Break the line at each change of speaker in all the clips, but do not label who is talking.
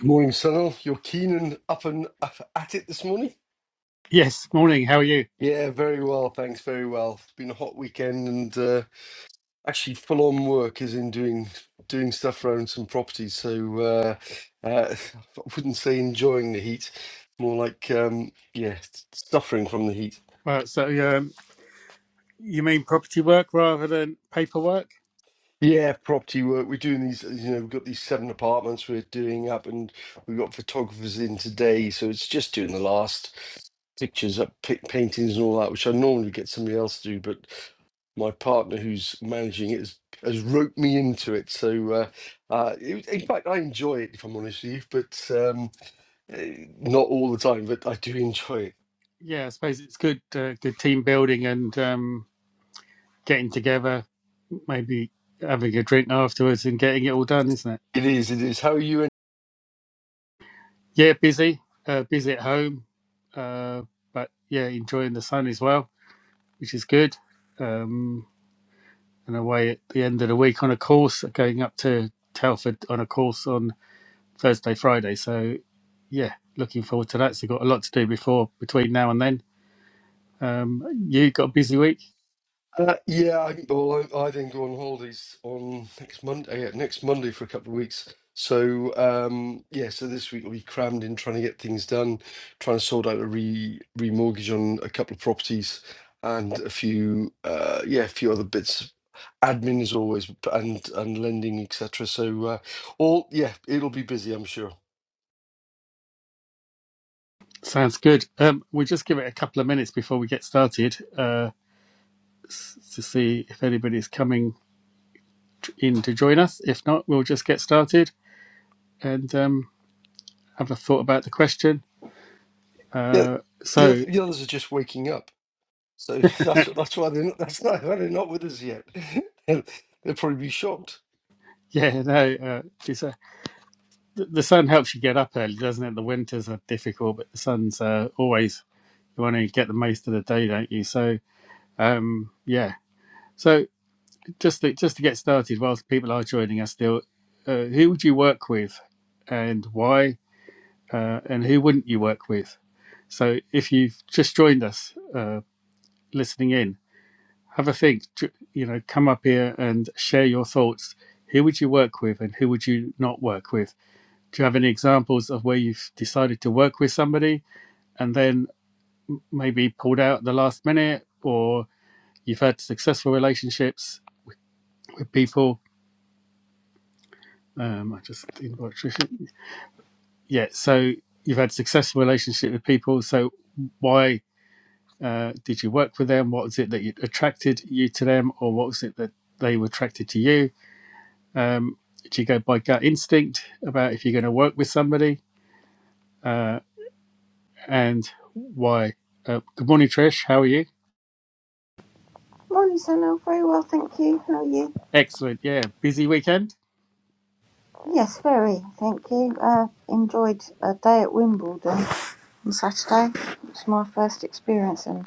Good morning, Cyril. You're keen and up and up at it this morning?
Yes, morning. How are you?
Yeah, very well. Thanks, very well. It's been a hot weekend and uh, actually full on work is in doing doing stuff around some properties. So uh, uh, I wouldn't say enjoying the heat, more like um, yeah, suffering from the heat.
Well, so um, you mean property work rather than paperwork?
Yeah, property work. We're doing these, you know, we've got these seven apartments we're doing up, and we've got photographers in today. So it's just doing the last pictures up, pi paintings, and all that, which I normally get somebody else to do. But my partner, who's managing it, has, has roped me into it. So, uh, uh, it, in fact, I enjoy it, if I'm honest with you, but um, eh, not all the time, but I do enjoy it.
Yeah, I suppose it's good, uh, good team building and um, getting together, maybe having a drink afterwards and getting it all done, isn't it?
It is, it is. How are you
Yeah, busy, uh, busy at home, uh, but yeah, enjoying the sun as well, which is good. Um, and away at the end of the week on a course, going up to Telford on a course on Thursday, Friday. So, yeah, looking forward to that. So, got a lot to do before between now and then. Um, you got a busy week.
Uh, yeah, I, well, I, I then go on holidays on next Monday. Yeah, next Monday for a couple of weeks. So um, yeah, so this week will be crammed in trying to get things done, trying to sort out a re remortgage on a couple of properties and a few uh, yeah, a few other bits. Admin as always, b- and and lending, etc. So uh, all yeah, it'll be busy, I'm sure.
Sounds good. Um, we'll just give it a couple of minutes before we get started uh, s- to see if anybody's coming t- in to join us. If not, we'll just get started and um, have a thought about the question.
Yeah,
Uh,
the other,
so,
the others are just waking up. So that's that's why they're not, that's not why they're not with us yet. They'll they'll probably be shocked.
yeah, no, uh, it's a, th- the sun helps you get up early, doesn't it? The winters are difficult, but the sun's uh, always you want to get the most of the day, don't you? So, Um, yeah. So just to, just to get started, whilst people are joining us still, uh, who would you work with, and why, uh, and who wouldn't you work with? So if you've just joined us, uh, listening in, have a think. Ju- You know, come up here and share your thoughts. Who would you work with, and who would you not work with? Do you have any examples of where you've decided to work with somebody, and then maybe pulled out at the last minute, or you've had successful relationships with people Um, I just inbox. Tricia. Yeah. So you've had successful relationship with people. So why uh, did you work with them? What was it that you, attracted you to them, or what was it that they were attracted to you? Um, do you go by gut instinct about if you're going to work with somebody, uh, and why? Uh, good morning, Trish. How are you?
Morning, Sunil. Very well, thank you. How are you?
Excellent. Yeah. Busy weekend.
Yes, very. Thank you. Uh, enjoyed a day at Wimbledon on Saturday. It's my first experience and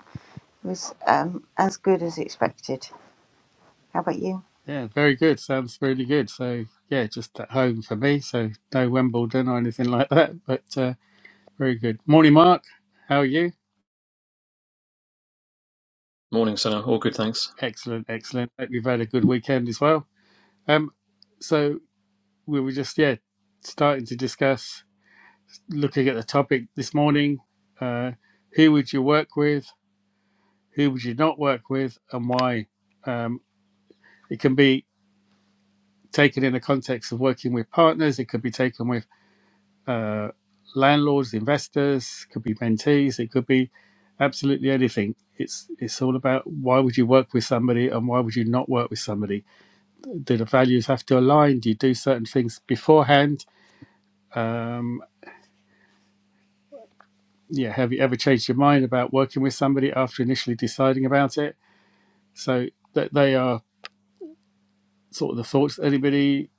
was um, as good as expected. How about you?
Yeah. Very good. Sounds really good. So yeah, just at home for me. So no Wimbledon or anything like that, but. Uh, Very good. Morning, Mark. How are you?
Morning, Senna. All good, thanks.
Excellent, excellent. Hope you've had a good weekend as well. Um, so we were just yeah starting to discuss looking at the topic this morning. Uh, who would you work with? Who would you not work with, and why? Um, it can be taken in the context of working with partners. It could be taken with uh, landlords, investors. Could be mentees. It could be absolutely anything. It's it's all about why would you work with somebody and why would you not work with somebody Do the values have to align? Do you do certain things beforehand? Um, yeah, have you ever changed your mind about working with somebody after initially deciding about it? So that they are sort of the thoughts. Anybody,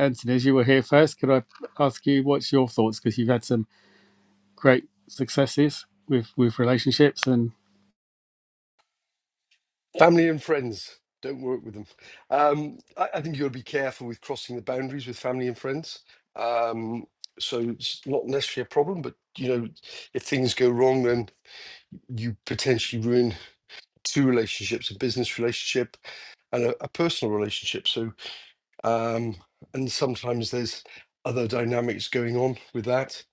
Anthony, as you were here first, could I ask you what's your thoughts because you've had some great successes with with relationships and.
Family and friends. Don't work with them. Um, I, I think you got to be careful with crossing the boundaries with family and friends. Um, so it's not necessarily a problem, but you know, if things go wrong, then you potentially ruin two relationships: a business relationship and a, a personal relationship. So, um, and sometimes there's other dynamics going on with that.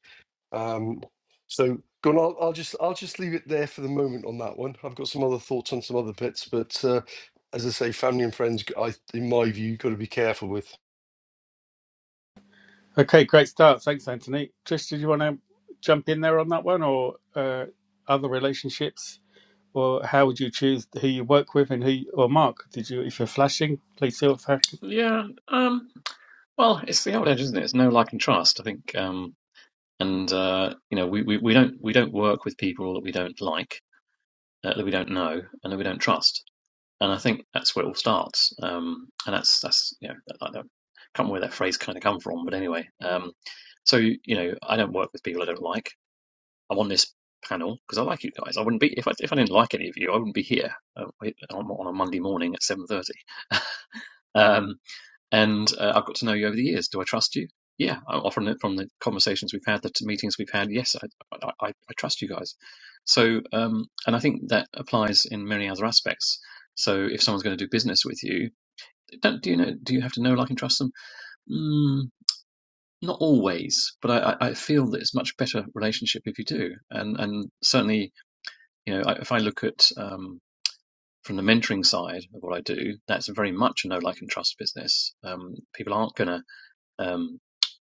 Um, so, Gunnar, I'll, I'll just I'll just leave it there for the moment on that one. I've got some other thoughts on some other bits, but uh, as I say, family and friends, g- I, in my view, you've got to be careful with.
Okay, great start. Thanks, Anthony. Trish, did you want to jump in there on that one or uh, other relationships? Or how would you choose who you work with and who? You, or Mark, did you? If you're flashing, please feel free.
Yeah, um, well, it's the old age, isn't it? It's no like and trust, I think. Um, and uh, you know, we, we, we don't we don't work with people that we don't like, uh, that we don't know, and that we don't trust. And I think that's where it all starts. Um, and that's that's you know, I don't, can't remember where that phrase kind of come from, but anyway. Um, so you know, I don't work with people I don't like. I'm on this panel because I like you guys. I wouldn't be if I if I didn't like any of you, I wouldn't be here uh, on on a Monday morning at seven thirty. Um, and uh, I've got to know you over the years. Do I trust you? Yeah, often from the conversations we've had, the meetings we've had, yes, I, I, I trust you guys. So, um, and I think that applies in many other aspects. So, if someone's going to do business with you, don't do you know? Do you have to know, like, and trust them? Mm, not always, but I, I feel that it's a much better relationship if you do. And and certainly, you know, I, if I look at um, from the mentoring side of what I do, that's very much a know, like, and trust business. Um, people aren't going to. Um,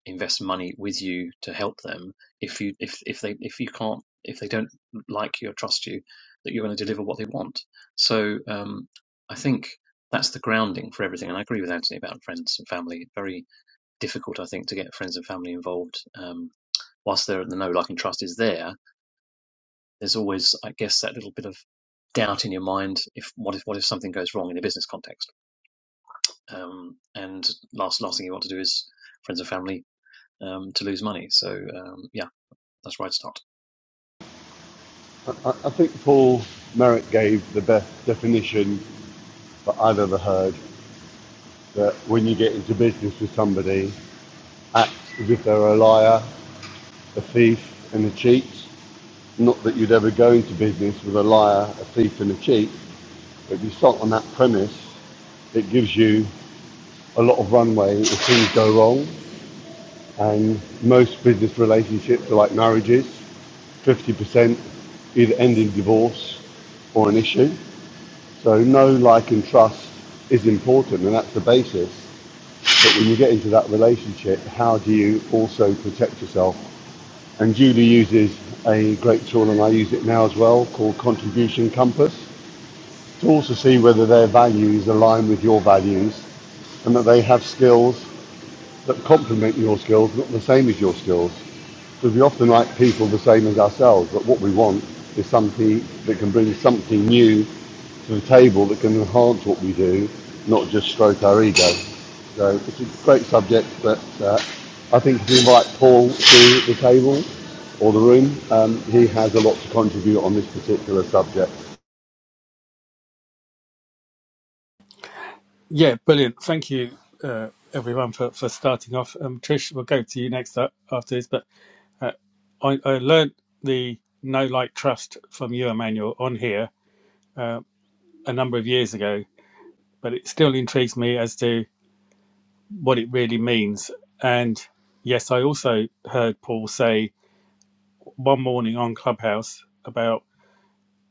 invest money with you to help them if you if if they if you can't if they don't like you or trust you that you're going to deliver what they want so um, I think that's the grounding for everything and I agree with Anthony about friends and family very difficult I think to get friends and family involved um, whilst they're the know like and trust is there there's always I guess that little bit of doubt in your mind if what if what if something goes wrong in a business context um, and last last thing you want to do is friends and family um, to lose money so um, yeah That's where right, start.
I, I think Paul Merrick gave the best definition that I've ever heard that when you get into business with somebody, act as if they're a liar, a thief, and a cheat. Not that you'd ever go into business with a liar, a thief, and a cheat, but if you start on that premise, it gives you a lot of runway if things go wrong. And most business relationships are like marriages 50% either end in divorce or an issue. So know, like, and trust is important, and that's the basis. But when you get into that relationship, how do you also protect yourself? And Julie uses a great tool, and I use it now as well, called Contribution Compass, to also see whether their values align with your values and that they have skills that complement your skills, not the same as your skills because we often like people the same as ourselves, but what we want is somebody that can bring something new to the table that can enhance what we do, not just stroke our ego. So it's a great subject, but uh, I think if you invite Paul to the table or the room, um, he has a lot to contribute on this particular subject.
Yeah, brilliant. Thank you, uh, everyone, for, for starting off. Um, Trish, we'll go to you next up after this. But uh, I, I learned the no like trust from you, Emmanuel, on here a number of years ago, but it still intrigues me as to what it really means. And yes, I also heard Paul say one morning on Clubhouse about.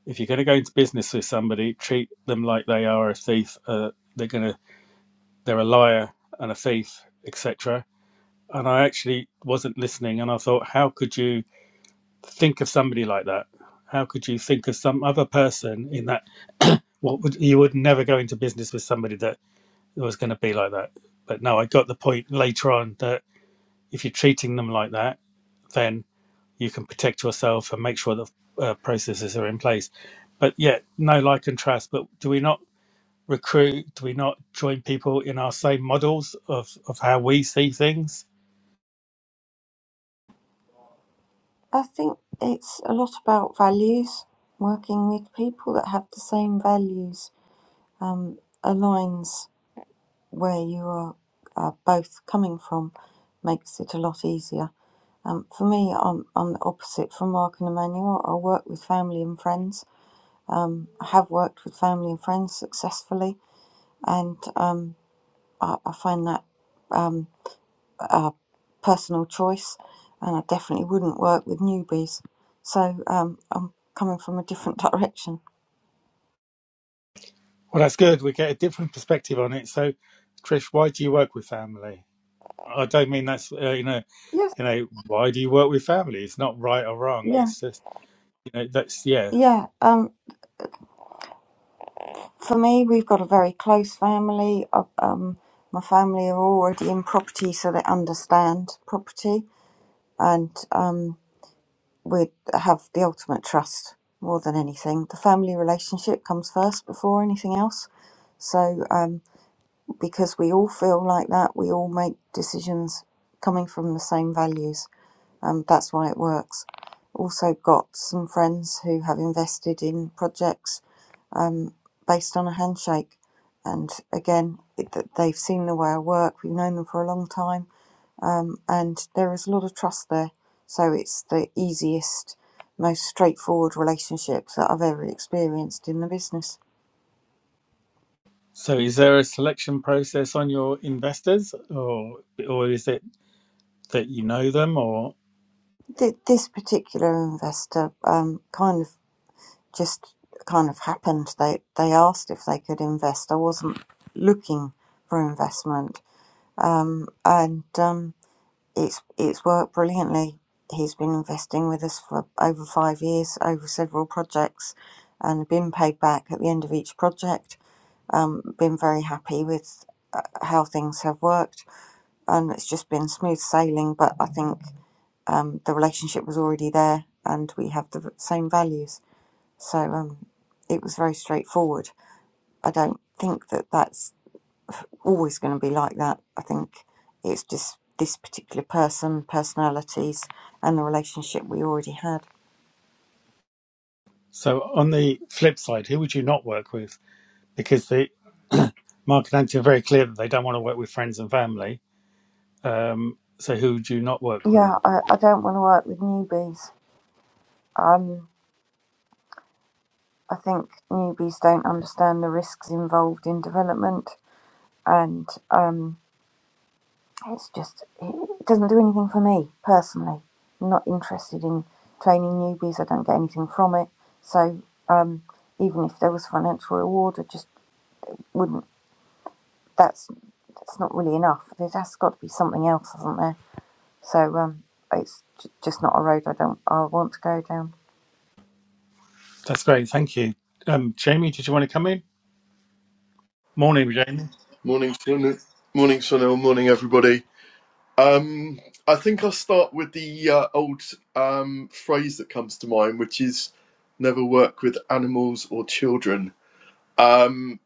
if you're going to go into business with somebody, treat them like they are a thief. Uh, they're going to they're a liar and a thief, etc. And I actually wasn't listening, and I thought, how could you think of somebody like that? How could you think of some other person in that? What would you would never go into business with somebody that was going to be like that? But no, I got the point later on that if you're treating them like that, then you can protect yourself and make sure that uh, processes are in place. But yeah, no like and trust. But do we not? recruit? Do we not join people in our same models of, of how we see things?
I think it's a lot about values. Working with people that have the same values um, aligns where you are uh, both coming from, makes it a lot easier. Um, for me, I'm, I'm the opposite from Mark and Emmanuel. I work with family and friends Um, I have worked with family and friends successfully, and um, I, I find that um, a personal choice, and I definitely wouldn't work with newbies. So um, I'm coming from a different direction.
Well, that's good. We get a different perspective on it. So, Trish, why do you work with family? I don't mean that's uh, you know,
Yes,
you know, why do you work with family? It's not right or wrong.
yeah,
It's just you know, that's yeah.
yeah. Um, for me, we've got a very close family. Uh, Um, my family are already in property, so they understand property, and um, we have the ultimate trust more than anything. The family relationship comes first before anything else. So, um, because we all feel like that, we all make decisions coming from the same values. Um, that's why it works. Also, got some friends who have invested in projects based on a handshake. And again, it, that they've seen the way I work. We've known them for a long time and there is a lot of trust there. So it's the easiest, most straightforward relationships that I've ever experienced in the business.
So, is there a selection process on your investors, or or is it that you know them, or
Th- this particular investor um, kind of just kind of happened. They they asked if they could invest. I wasn't looking for investment, um, and um, it's it's worked brilliantly. He's been investing with us for over five years, over several projects, and been paid back at the end of each project Um, been very happy with uh, how things have worked, and it's just been smooth sailing. But I think um, the relationship was already there, and we have the same values, so um, it was very straightforward. I don't think that that's always going to be like that. I think it's just this particular person, personalities, and the relationship we already had.
so on the flip side, who would you not work with? Because the Mark and Anthony are very clear that they don't want to work with friends and family Um, so who do you not work with?
Yeah, I, I don't want to work with newbies. Um, I think newbies don't understand the risks involved in development. and um, it's just it doesn't do anything for me personally. I'm not interested in training newbies. I don't get anything from it. So um, even if there was financial reward, I just wouldn't. That's that's not really enough. There has got to be something else, hasn't there? So um, it's j- just not a road I don't I want to go down.
That's great. Thank you. Um, Jamie, did you want to come in? Morning, Jamie.
Morning, Sunil. Morning, Sunil. Morning, everybody. Um, I think I'll start with the uh, old um, phrase that comes to mind, which is never work with animals or children. Um,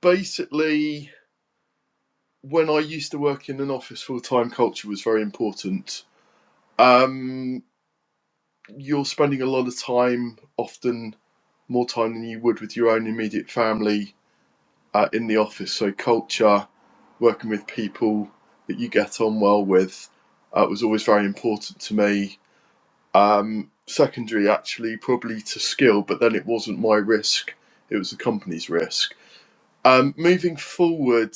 basically, when I used to work in an office full time, culture was very important. Um, you're spending a lot of time, often more time than you would with your own immediate family, uh, in the office. So culture, working with people that you get on well with, uh, was always very important to me. Um, secondary, actually, probably to skill, but then it wasn't my risk; it was the company's risk. Um, moving forward,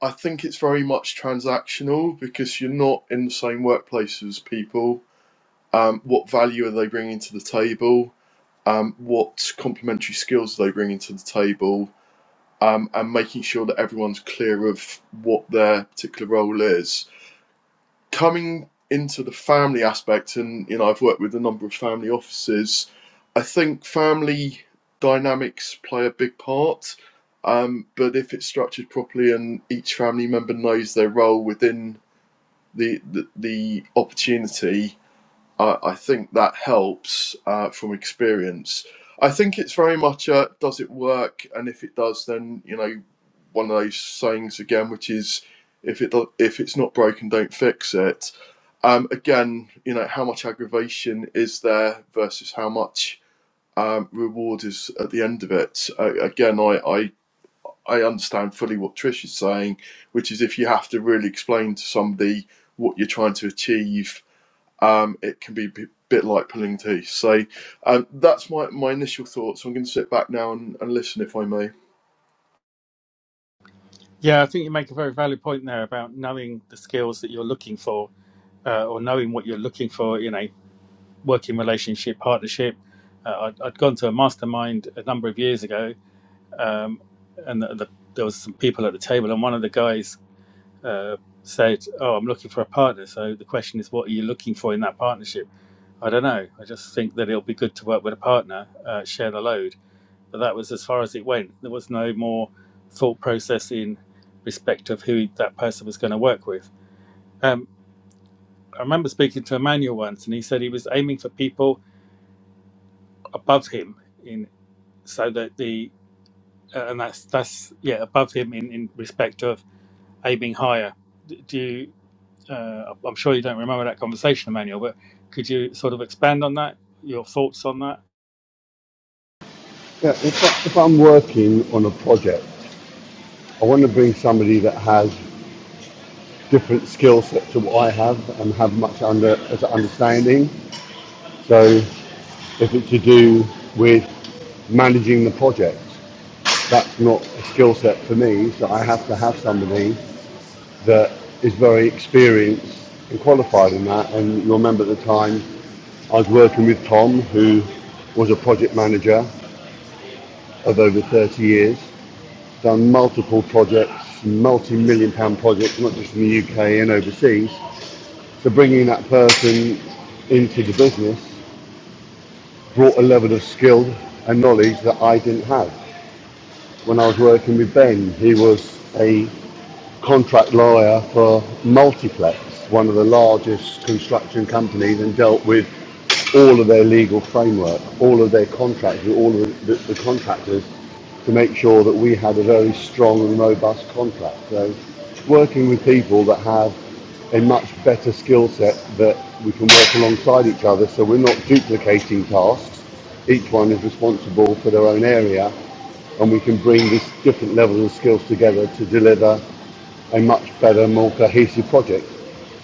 I think it's very much transactional because you're not in the same workplace as people. Um, what value are they bringing to the table? Um, what complementary skills are they bringing to the table? um, and making sure that everyone's clear of what their particular role is. Coming into the family aspect, and you know, I've worked with a number of family offices. I think family dynamics play a big part, um, but if it's structured properly and each family member knows their role within the the, the opportunity, I, I think that helps uh, from experience. I think it's very much a does it work, and if it does, then you know one of those sayings again, which is if it do- if it's not broken, don't fix it. Um, again, you know how much aggravation is there versus how much um, reward is at the end of it. Uh, again, I, I I understand fully what Trish is saying, which is if you have to really explain to somebody what you're trying to achieve um, it can be a bit like pulling teeth. So um, that's my, my initial thoughts. I'm going to sit back now and, and listen if I may.
Yeah, I think you make a very valid point there about knowing the skills that you're looking for uh, or knowing what you're looking for in a working relationship, partnership. Uh, I'd, I'd gone to a mastermind a number of years ago um, and the, the, there was some people at the table and one of the guys uh, said, "Oh, I'm looking for a partner." So the question is, what are you looking for in that partnership? I don't know. I just think that it'll be good to work with a partner, uh, share the load. But that was as far as it went. There was no more thought process in respect of who that person was going to work with. Um, I remember speaking to Emmanuel once, and he said he was aiming for people above him in so that the uh, and that's that's yeah above him in in respect of aiming higher. D- Do you? uh, I'm sure you don't remember that conversation, Emmanuel, but could you sort of expand on that? Your thoughts on that?
Yeah, if, I- if I'm working on a project, I want to bring somebody that has different skill set to what I have and have much under as an understanding. So if it's to do with managing the project, that's not a skill set for me. So I have to have somebody that is very experienced and qualified in that. And you'll remember at the time I was working with Tom, who was a project manager of over 30 years, done multiple projects, multi-million pound projects, not just in the UK and overseas. So bringing that person into the business brought a level of skill and knowledge that I didn't have. When I was working with Ben, he was a contract lawyer for Multiplex, one of the largest construction companies, and dealt with all of their legal framework, all of their contracts, with all of the, the contractors to make sure that we had a very strong and robust contract. So working with people that have a much better skill set that we can work alongside each other so we're not duplicating tasks. Each one is responsible for their own area and we can bring these different levels of skills together to deliver a much better, more cohesive project.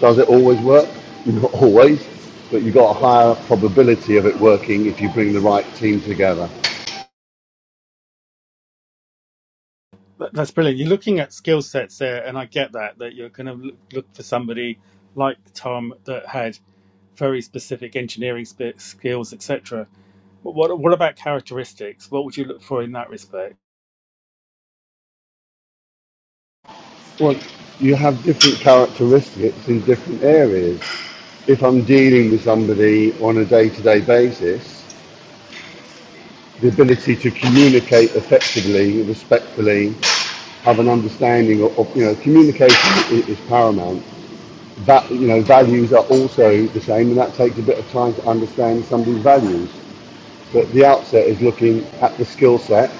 Does it always work? Not always, but you've got a higher probability of it working if you bring the right team together.
That- That's brilliant. You're looking at skill sets there, and I get that that you're going to look look for somebody like Tom that had very specific engineering sp- skills, etc. But what what about characteristics? What would you look for in that respect?
Well, you have different characteristics in different areas. If I'm dealing with somebody on a day to day basis, the ability to communicate effectively, respectfully, have an understanding of, of you know, communication is, is paramount. That, you know, values are also the same, and that takes a bit of time to understand somebody's values. But the outset is looking at the skill set,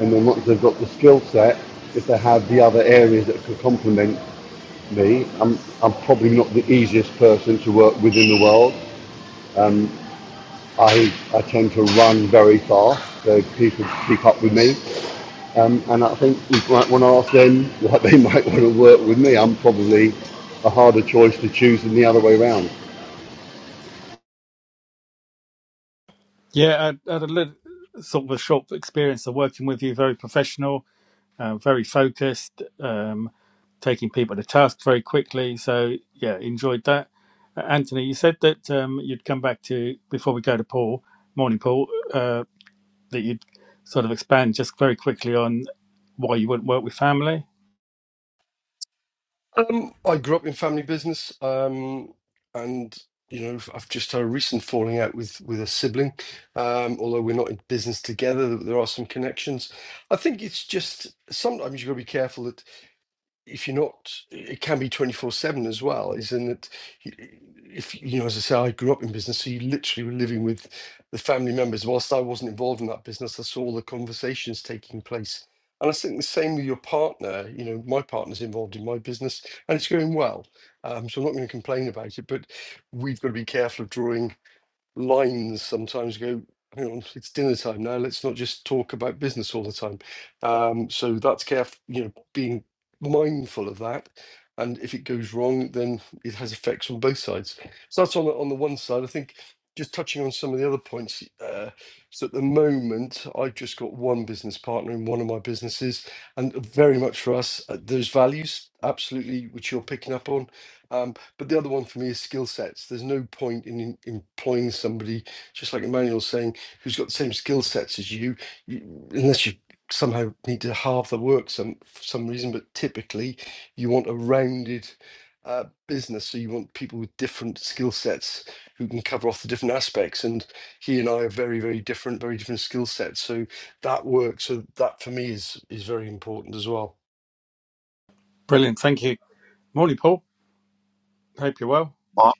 and then once they've got the skill set, if they have the other areas that could complement me, I'm, I'm probably not the easiest person to work with in the world. I, I tend to run very fast, so people keep up with me. Um, and I think we might want to ask them what they might want to work with me. I'm probably a harder choice to choose than the other way around.
Yeah, I I had a little sort of a short experience of working with you, very professional um, very focused, um, taking people to task very quickly. So yeah, enjoyed that. Uh, Anthony, you said that um, you'd come back to before we go to Paul. Morning, Paul. Uh, that you'd sort of expand just very quickly on why you wouldn't work with family.
Um, I grew up in family business, um, and you know, I've just had a recent falling out with with a sibling. Um, although we're not in business together, there there are some connections. I think it's just sometimes you've got to be careful that. if you're not, it can be 24 7 as well, is in that if, you know, as I say, I grew up in business, so you literally were living with the family members. Whilst I wasn't involved in that business, I saw all the conversations taking place. And I think the same with your partner. You know, my partner's involved in my business and it's going well. Um, so I'm not going to complain about it, but we've got to be careful of drawing lines sometimes go, hang on, it's dinner time now. Let's not just talk about business all the time. Um, so that's careful, you know, being mindful of that. And if it goes wrong, then it has effects on both sides. So that's on the, on the one side. I think just touching on some of the other points. Uh, so at the moment, I've just got one business partner in one of my businesses, and very much for us, uh, those values absolutely, which you're picking up on. Um, but the other one for me is skill sets. There's no point in, in employing somebody, just like Emmanuel's saying, who's got the same skill sets as you, you, unless you somehow need to halve the work some for some reason. But typically, you want a rounded uh, business, so you want people with different skill sets who can cover off the different aspects. And he and I are very, very different, very different skill sets. So that works. So that for me is is very important as well.
Brilliant. Thank you. Morning, Paul. Hope you're well.
Mor-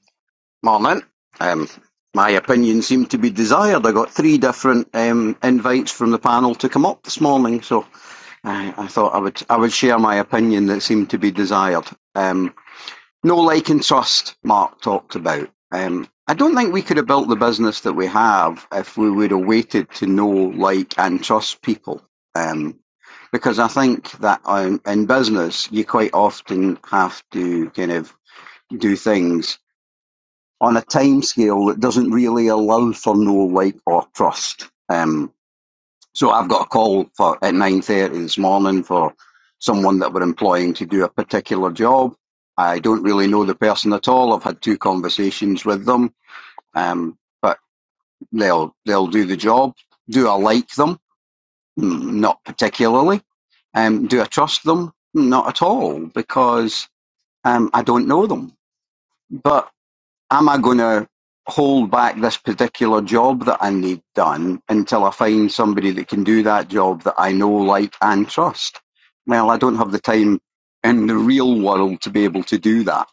Morning. Um, my opinion seemed to be desired. I got three different um, invites from the panel to come up this morning, so I, I thought I would I would share my opinion that seemed to be desired. Um, no like and trust. Mark talked about. Um, I don't think we could have built the business that we have if we would have waited to know, like, and trust people. Um, because I think that um, in business you quite often have to kind of do things on a timescale that doesn't really allow for no like or trust. Um, so I've got a call for at nine thirty this morning for someone that we're employing to do a particular job. I don't really know the person at all. I've had two conversations with them, um, but they'll they'll do the job. Do I like them? Mm, Not particularly. Um, do I trust them? Hmm, Not at all, because um, I don't know them. But am I going to hold back this particular job that I need done until I find somebody that can do that job that I know, like, and trust? Well, I don't have the time in the real world to be able to do that.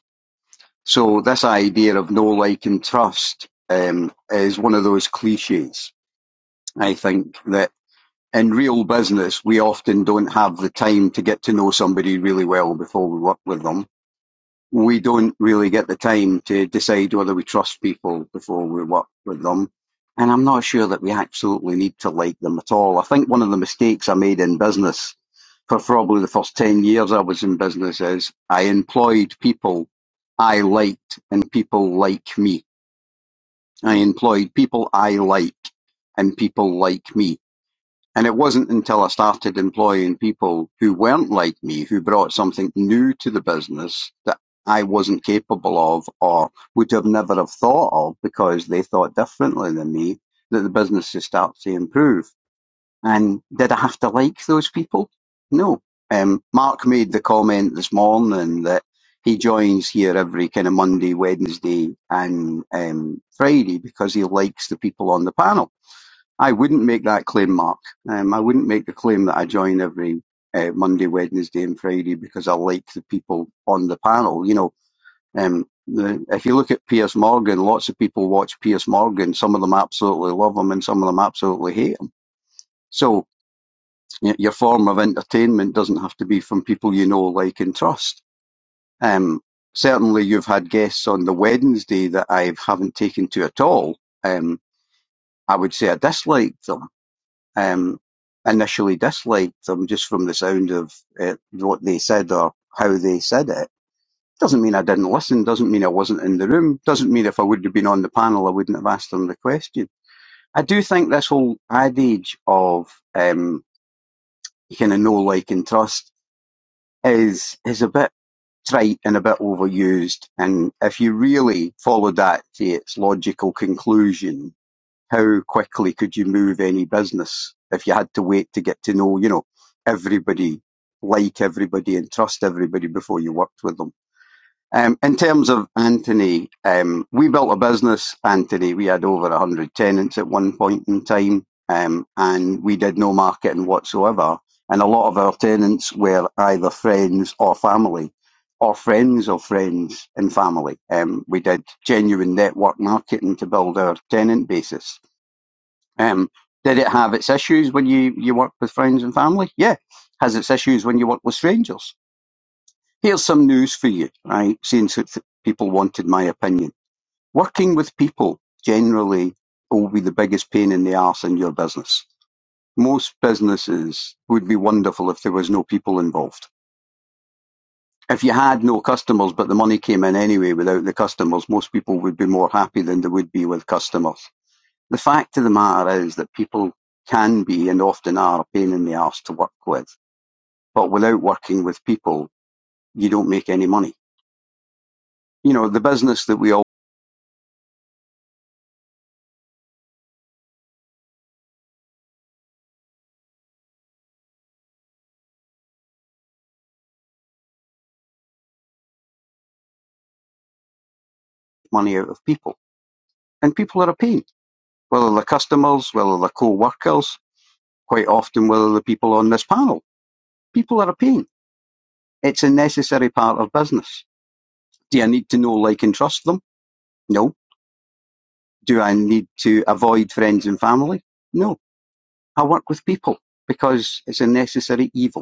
So this idea of know, like, and trust um, is one of those cliches. I think that in real business, we often don't have the time to get to know somebody really well before we work with them we don't really get the time to decide whether we trust people before we work with them. And I'm not sure that we absolutely need to like them at all. I think one of the mistakes I made in business for probably the first 10 years I was in business is I employed people I liked and people like me. I employed people I like and people like me and it wasn't until I started employing people who weren't like me, who brought something new to the business that I wasn't capable of or would have never have thought of because they thought differently than me, that the businesses start to improve. And did I have to like those people? No. Um, Mark made the comment this morning that he joins here every kind of Monday, Wednesday and um, Friday because he likes the people on the panel I wouldn't make that claim, Mark. Um, I wouldn't make the claim that I join every uh, Monday, Wednesday, and Friday because I like the people on the panel. You know, um, the, if you look at Piers Morgan, lots of people watch Piers Morgan. Some of them absolutely love him, and some of them absolutely hate him. So y- your form of entertainment doesn't have to be from people you know, like, and trust. Um, certainly, you've had guests on the Wednesday that I haven't taken to at all. Um, I would say I disliked them um, initially disliked them just from the sound of uh, what they said or how they said it. Doesn't mean I didn't listen, doesn't mean I wasn't in the room, doesn't mean if I would have been on the panel, I wouldn't have asked them the question. I do think this whole adage of um, you kind of know, like, and trust is is a bit trite and a bit overused. And if you really follow that to its logical conclusion, how quickly could you move any business if you had to wait to get to know, you know, everybody, like everybody and trust everybody before you worked with them? Um, in terms of Anthony, um, we built a business, Anthony. We had over 100 tenants at one point in time, um, and we did no marketing whatsoever. And a lot of our tenants were either friends or family, or friends of friends and family. Um, we did genuine network marketing to build our tenant basis um, did it have its issues when you, you work with friends and family? Yeah. Has its issues when you work with strangers? Here's some news for you, right? Since it- people wanted my opinion. Working with people generally will be the biggest pain in the arse in your business. Most businesses would be wonderful if there was no people involved. If you had no customers, but the money came in anyway without the customers, most people would be more happy than they would be with customers. The fact of the matter is that people can be and often are a pain in the arse to work with. But without working with people, you don't make any money. You know, the business that we all make money out of people. And people are a pain, whether they're customers, whether they're co-workers, quite often whether the people on this panel. People are a pain. It's a necessary part of business. Do I need to know, like, and trust them? No. Do I need to avoid friends and family? No. I work with people because it's a necessary evil.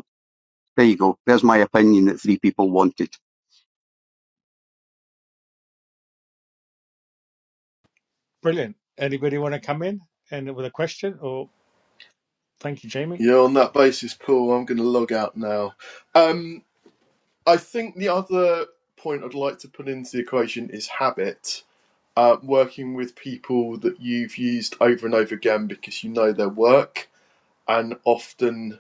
There you go. There's my opinion that three people wanted.
Brilliant. Anybody want to come in and with a question? Or thank you, Jamie.
Yeah, on that basis, Paul, I'm going to log out now. Um, I think the other point I'd like to put into the equation is habit. Uh, working with people that you've used over and over again because you know their work, and often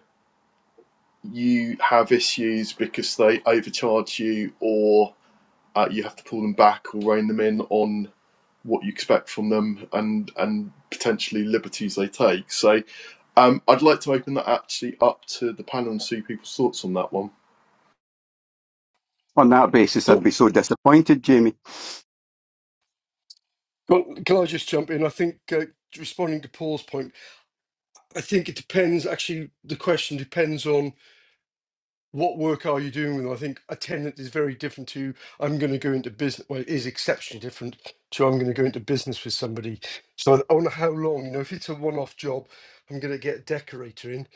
you have issues because they overcharge you or uh, you have to pull them back or rein them in on what you expect from them and and potentially liberties they take. So um, I'd like to open that actually up to the panel and see people's thoughts on that one.
On that basis, I'd
So
be so disappointed, Jamie.
Well, can I just jump in? I think uh, responding to Paul's point. I think it depends. Actually, the question depends on what work are you doing with them. I think a tenant is very different to I'm going to go into business. Well, it is exceptionally different to I'm going to go into business with somebody. So I wonder how long. You know, if it's a one-off job, I'm going to get a decorator in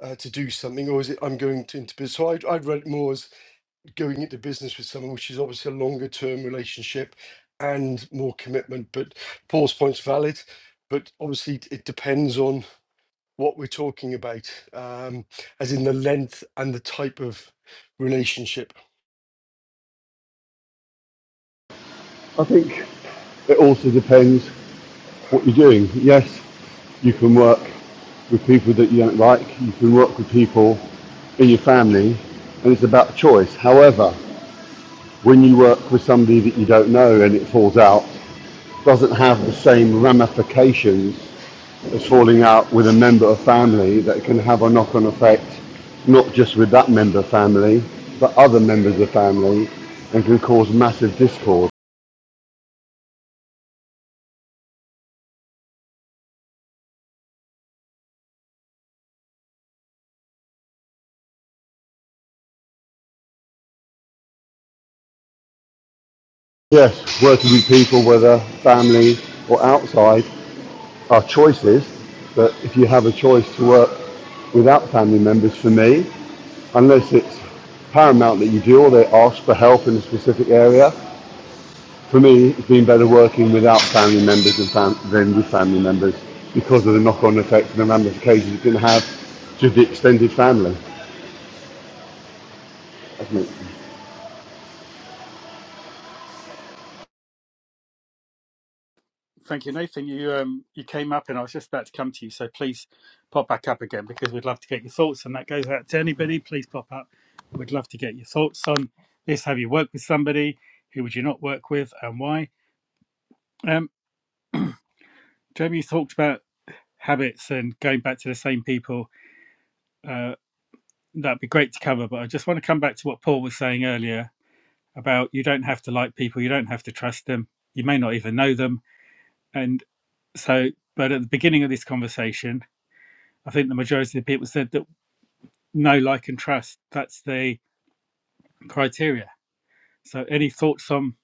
uh, to do something, or is it I'm going to, into business? So I'd, I'd read it more as going into business with someone, which is obviously a longer-term relationship and more commitment. But Paul's point's valid. But obviously, it depends on what we're talking about, um, as in the length and the type of relationship.
I think it also depends what you do. Yes, you can work with people that you don't like, you can work with people in your family, and it's about choice. However, when you work with somebody that you don't know and it falls out, it doesn't have the same ramifications as falling out with a member of family that can have a knock-on effect, not just with that member of family, but other members of family, and can cause massive discord. Yes, working with people, whether family or outside, our choices, but if you have a choice to work without family members, for me, unless it's paramount that you do or they ask for help in a specific area, for me, it's been better working without family members than, fam- than with family members because of the knock-on effect and the ramifications it can have to the extended family.
Thank you, Nathan. You um you came up, and I was just about to come to you, so please pop back up again because we'd love to get your thoughts. And that goes out to anybody. Please pop up. We'd love to get your thoughts on this. Have you worked with somebody? Who would you not work with, and why? Um, Jamie, you talked about habits and going back to the same people. Uh, that'd be great to cover, but I just want to come back to what Paul was saying earlier about you don't have to like people, you don't have to trust them, you may not even know them, and so. But at the beginning of this conversation, I think the majority of the people said that know, like, and trust. That's the criteria. So, any thoughts on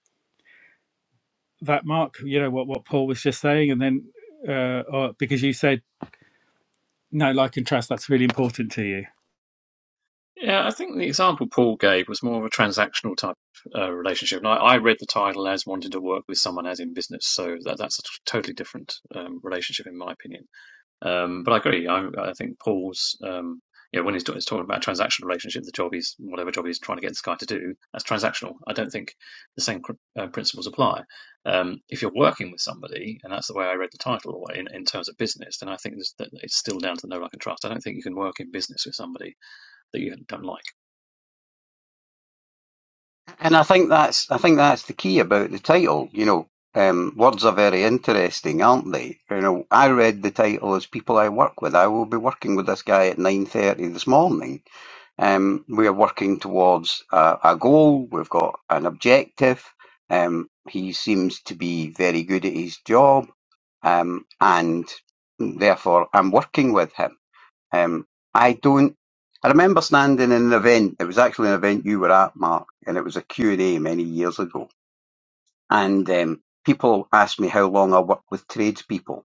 that, Mark? You know what what Paul was just saying, and then uh, or, because you said no, like, and trust. That's really important to you.
Yeah, I think the example Paul gave was more of a transactional type uh, relationship. And I, I read the title as wanting to work with someone as in business. So that, that's a t- totally different um, relationship, in my opinion. Um, but I agree. I, I think Paul's, um, yeah, when he's, ta- he's talking about a transactional relationship, the job is whatever job he's trying to get this guy to do, that's transactional. I don't think the same cr- uh, principles apply. Um, if you're working with somebody, and that's the way I read the title in, in terms of business, then I think that it's still down to the no, like, and trust. I don't think you can work in business with somebody that you don't like.
And I think that's I think that's the key about the title. You know, um, words are very interesting, aren't they? You know, I read the title as "People I Work With." I will be working with this guy at nine thirty this morning. Um, we are working towards a, a goal. We've got an objective. Um, he seems to be very good at his job, um, and therefore I'm working with him. Um, I don't. I remember standing in an event. It was actually an event you were at, Mark, and it was a Q and A many years ago. And um, people asked me how long I work with tradespeople,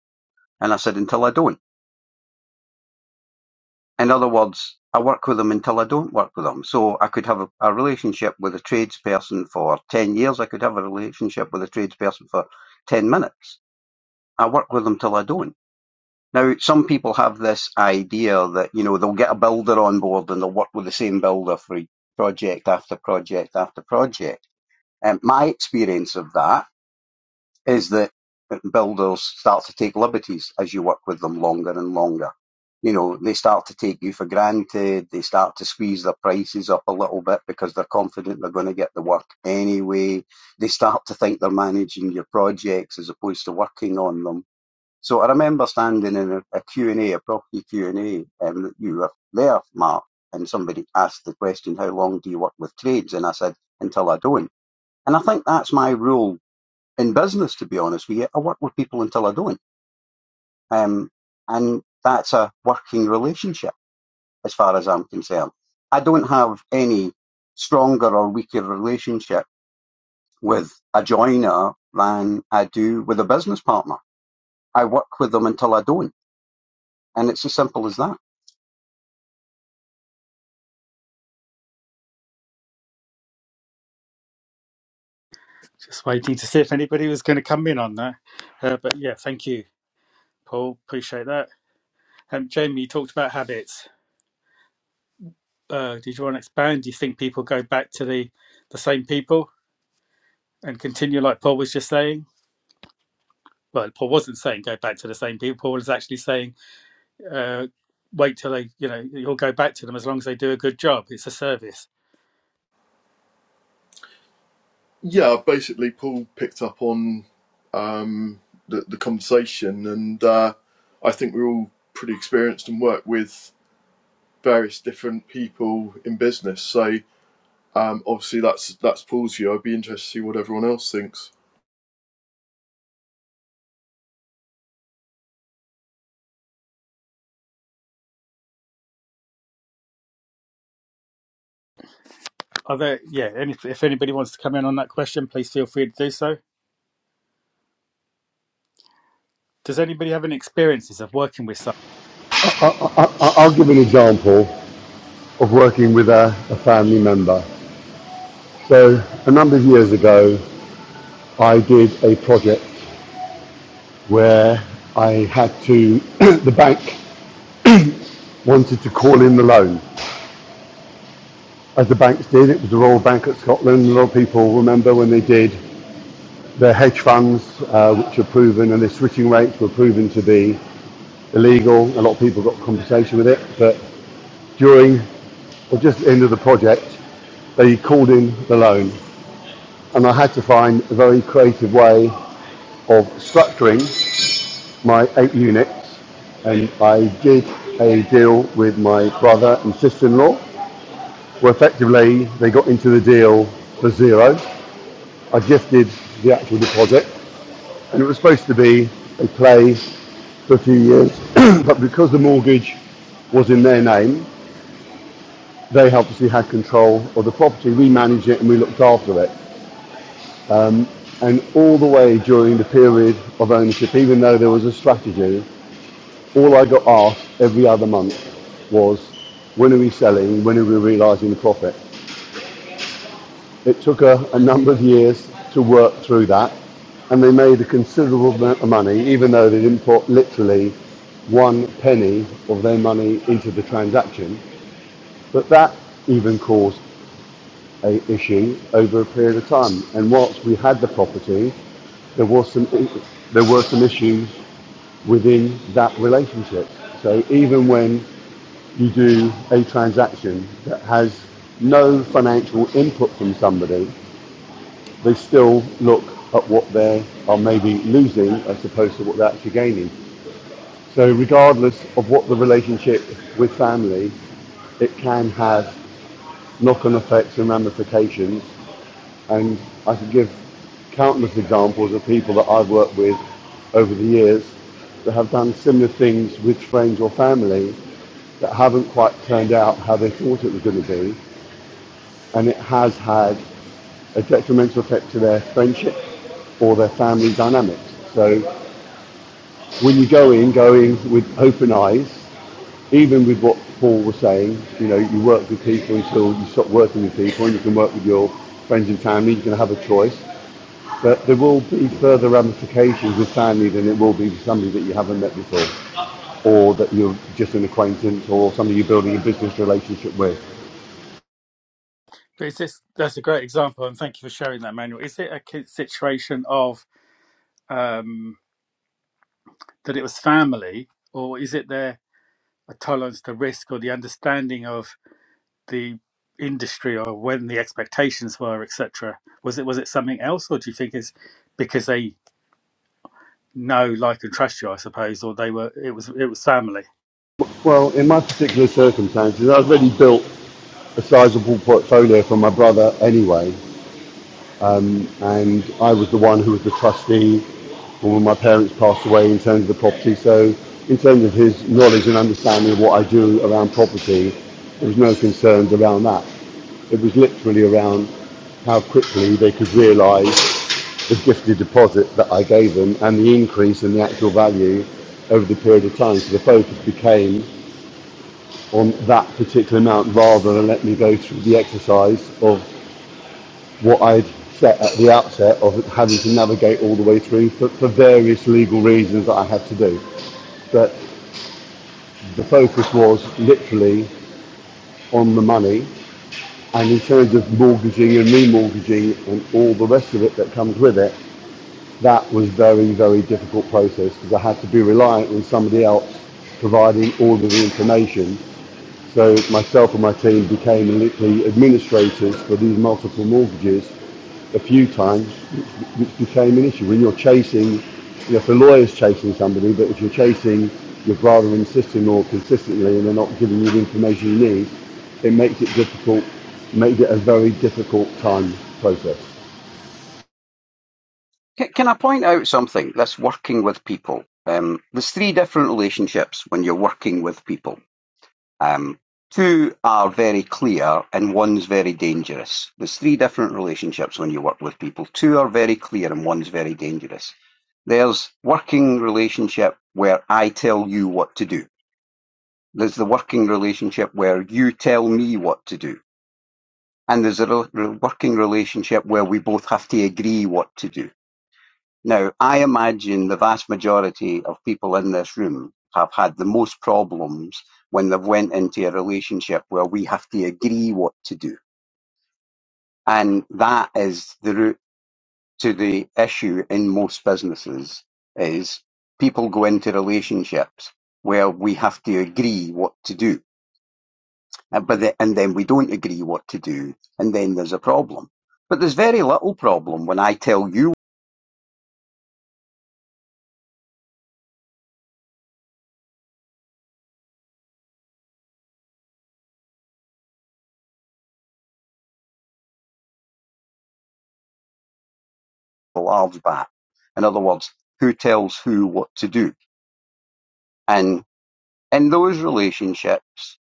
and I said until I don't. In other words, I work with them until I don't work with them. So I could have a, a relationship with a tradesperson for ten years. I could have a relationship with a tradesperson for ten minutes. I work with them till I don't. Now, some people have this idea that, you know, they'll get a builder on board and they'll work with the same builder for e, project after project after project. And my experience of that is that builders start to take liberties as you work with them longer and longer. You know, they start to take you for granted. They start to squeeze their prices up a little bit because they're confident they're going to get the work anyway. They start to think they're managing your projects as opposed to working on them so I remember standing in a, a Q and a a property Q&A, and A, and you were there, Mark, and somebody asked the question, how long do you work with trades? And I said, until I don't. And I think that's my rule in business, to be honest with you. I work with people until I don't. Um, and that's a working relationship as far as I'm concerned. I don't have any stronger or weaker relationship with a joiner than I do with a business partner. I work with them until I don't. And it's as simple as that.
Just waiting to see if anybody was going to come in on that. Uh, but yeah, thank you, Paul. Appreciate that. Um, Jamie, you talked about habits. Uh, did you want to expand? Do you think people go back to the the same people and continue like Paul was just saying? Well, Paul wasn't saying go back to the same people. Paul was actually saying uh, wait till they, you know, you'll go back to them as long as they do a good job. It's a service.
Yeah, basically Paul picked up on um, the, the conversation, and uh, I think we're all pretty experienced and work with various different people in business. So um, obviously that's that's Paul's view. I'd be interested to see what everyone else thinks.
Are there, yeah, any, if anybody wants to come in on that question, please feel free to do so. Does anybody have any experiences of working with someone?
I, I, I- I'll give an example of working with a, a family member. So a number of years ago, I did a project where I had to, the bank wanted to call in the loan, as the banks did. It was the Royal Bank of Scotland. A lot of people remember when they did their hedge funds, uh, which are proven, and their switching rates were proven to be illegal. A lot of people got compensation with it, but during or just at the end of the project, they called in the loan, and I had to find a very creative way of structuring my eight units and I did a deal with my brother and sister-in-law Well, effectively, they got into the deal for zero. I gifted the actual deposit, and it was supposed to be a play for a few years. but because the mortgage was in their name, they obviously had control of the property. We managed it and we looked after it. And all the way during the period of ownership, even though there was a strategy, all I got asked every other month was, when are we selling? When are we realising the profit? It took a, a number of years to work through that, and they made a considerable amount of money, even though they didn't put literally one penny of their money into the transaction. But that even caused a issue over a period of time. And whilst we had the property, there was some there were some issues within that relationship. So even when you do a transaction that has no financial input from somebody, they still look at what they are maybe losing as opposed to what they're actually gaining. So, regardless of what the relationship with family, it can have knock on effects and ramifications. And I could give countless examples of people that I've worked with over the years that have done similar things with friends or family that haven't quite turned out how they thought it was going to be. And it has had a detrimental effect to their friendship or their family dynamics. So when you go in, go in with open eyes. Even with what Paul was saying, you know, you work with people until you stop working with people, and you can work with your friends and family. You can have a choice, but there will be further ramifications with family than it will be with somebody that you haven't met before, or that you're just an acquaintance, or somebody you're building a business relationship with.
But is this? that's a great example, and thank you for sharing that, Manuel. Is it a ki- situation of um, that it was family, or is it their tolerance to risk or the understanding of the industry or when the expectations were, etc.? Was it was it something else, or do you think it's because they know, like, and trust you, I suppose, or they were. It was it was family.
Well, in my particular circumstances, I've already built a sizable portfolio for my brother anyway, and I was the one who was the trustee when my parents passed away in terms of the property. So, in terms of his knowledge and understanding of what I do around property, there was no concerns around that. It was literally around how quickly they could realise the gifted deposit that I gave them and the increase in the actual value over the period of time. So the focus became on that particular amount rather than let me go through the exercise of what I'd set at the outset of having to navigate all the way through for, for various legal reasons that I had to do. But the focus was literally on the money and in terms of mortgaging and remortgaging and all the rest of it that comes with it, that was very, very difficult process because I had to be reliant on somebody else providing all of the information So myself and my team became literally administrators for these multiple mortgages a few times, which, became an issue. When you're chasing, you know, if the lawyer's chasing somebody, but if you're chasing your brother and sister-in-law consistently and they're not giving you the information you need, it makes it difficult, made it a very difficult time process.
Can, can I point out something that's working with people? Um, there's three different relationships when you're working with people. Um, two are very clear and one's very dangerous. There's three different relationships when you work with people. Two are very clear and one's very dangerous. There's working relationship where I tell you what to do. There's the working relationship where you tell me what to do. And there's a re- working relationship where we both have to agree what to do Now, I imagine the vast majority of people in this room have had the most problems when they've went into a relationship where we have to agree what to do. And that is the root to the issue in most businesses is people go into relationships where we have to agree what to do. And, but the, and then we don't agree what to do, and then there's a problem. But there's very little problem when I tell you larvae. In other words, who tells who what to do. And in those relationships,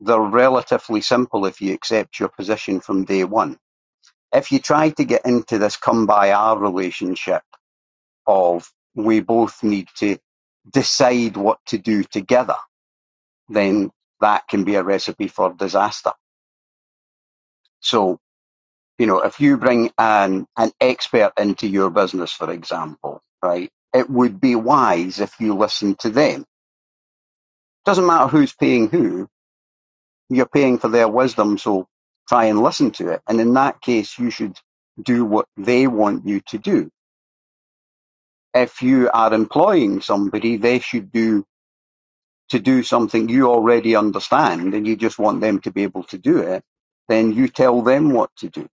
they're relatively simple if you accept your position from day one. If you try to get into this come by our relationship of we both need to decide what to do together, then that can be a recipe for disaster. So, you know, if you bring an, an expert into your business, for example, right, it would be wise if you listen to them doesn't matter who's paying who, you're paying for their wisdom, so try and listen to it. And in that case, you should do what they want you to do. If you are employing somebody, they should do to do something you already understand and you just want them to be able to do it, then you tell them what to do.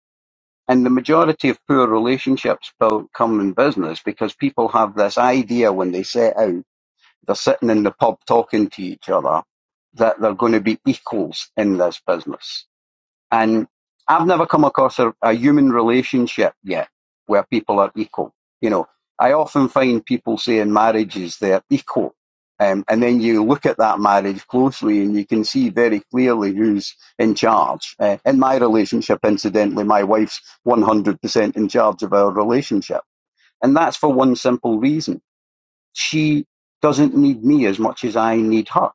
And the majority of poor relationships come in business because people have this idea when they set out, they're sitting in the pub talking to each other, that they're going to be equals in this business And I've never come across a, a human relationship yet where people are equal. You know, I often find people saying marriages they're equal. Um, and then you look at that marriage closely and you can see very clearly who's in charge. Uh, in my relationship, incidentally, my wife's 100% in charge of our relationship. And that's for one simple reason. She doesn't need me as much as I need her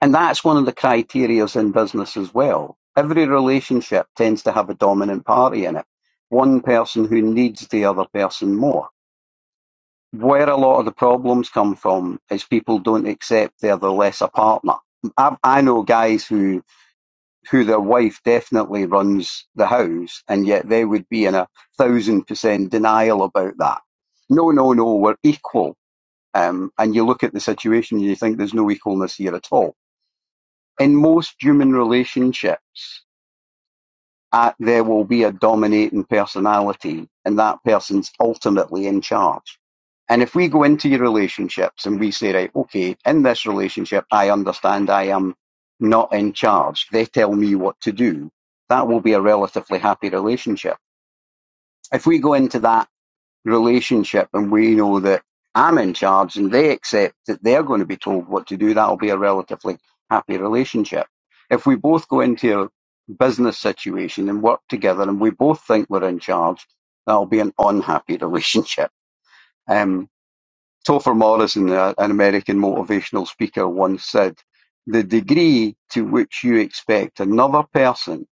and that's one of the criterias in business as well. Every relationship tends to have a dominant party in it, one person who needs the other person more. Where a lot of the problems come from is people don't accept they're the lesser partner. I, I know guys who who their wife definitely runs the house, and yet they would be in a thousand percent denial about that. No, no, no, we're equal. Um, and you look at the situation and you think there's no equalness here at all in most human relationships, uh, there will be a dominating personality, and that person's ultimately in charge. And if we go into your relationships and we say, right, okay, in this relationship, I understand I am not in charge. They tell me what to do. That will be a relatively happy relationship. If we go into that relationship and we know that I'm in charge and they accept that they're going to be told what to do, that'll be a relatively happy relationship. If we both go into a business situation and work together and we both think we're in charge, that'll be an unhappy relationship. Um, Topher Morrison, an American motivational speaker, once said, the degree to which you expect another person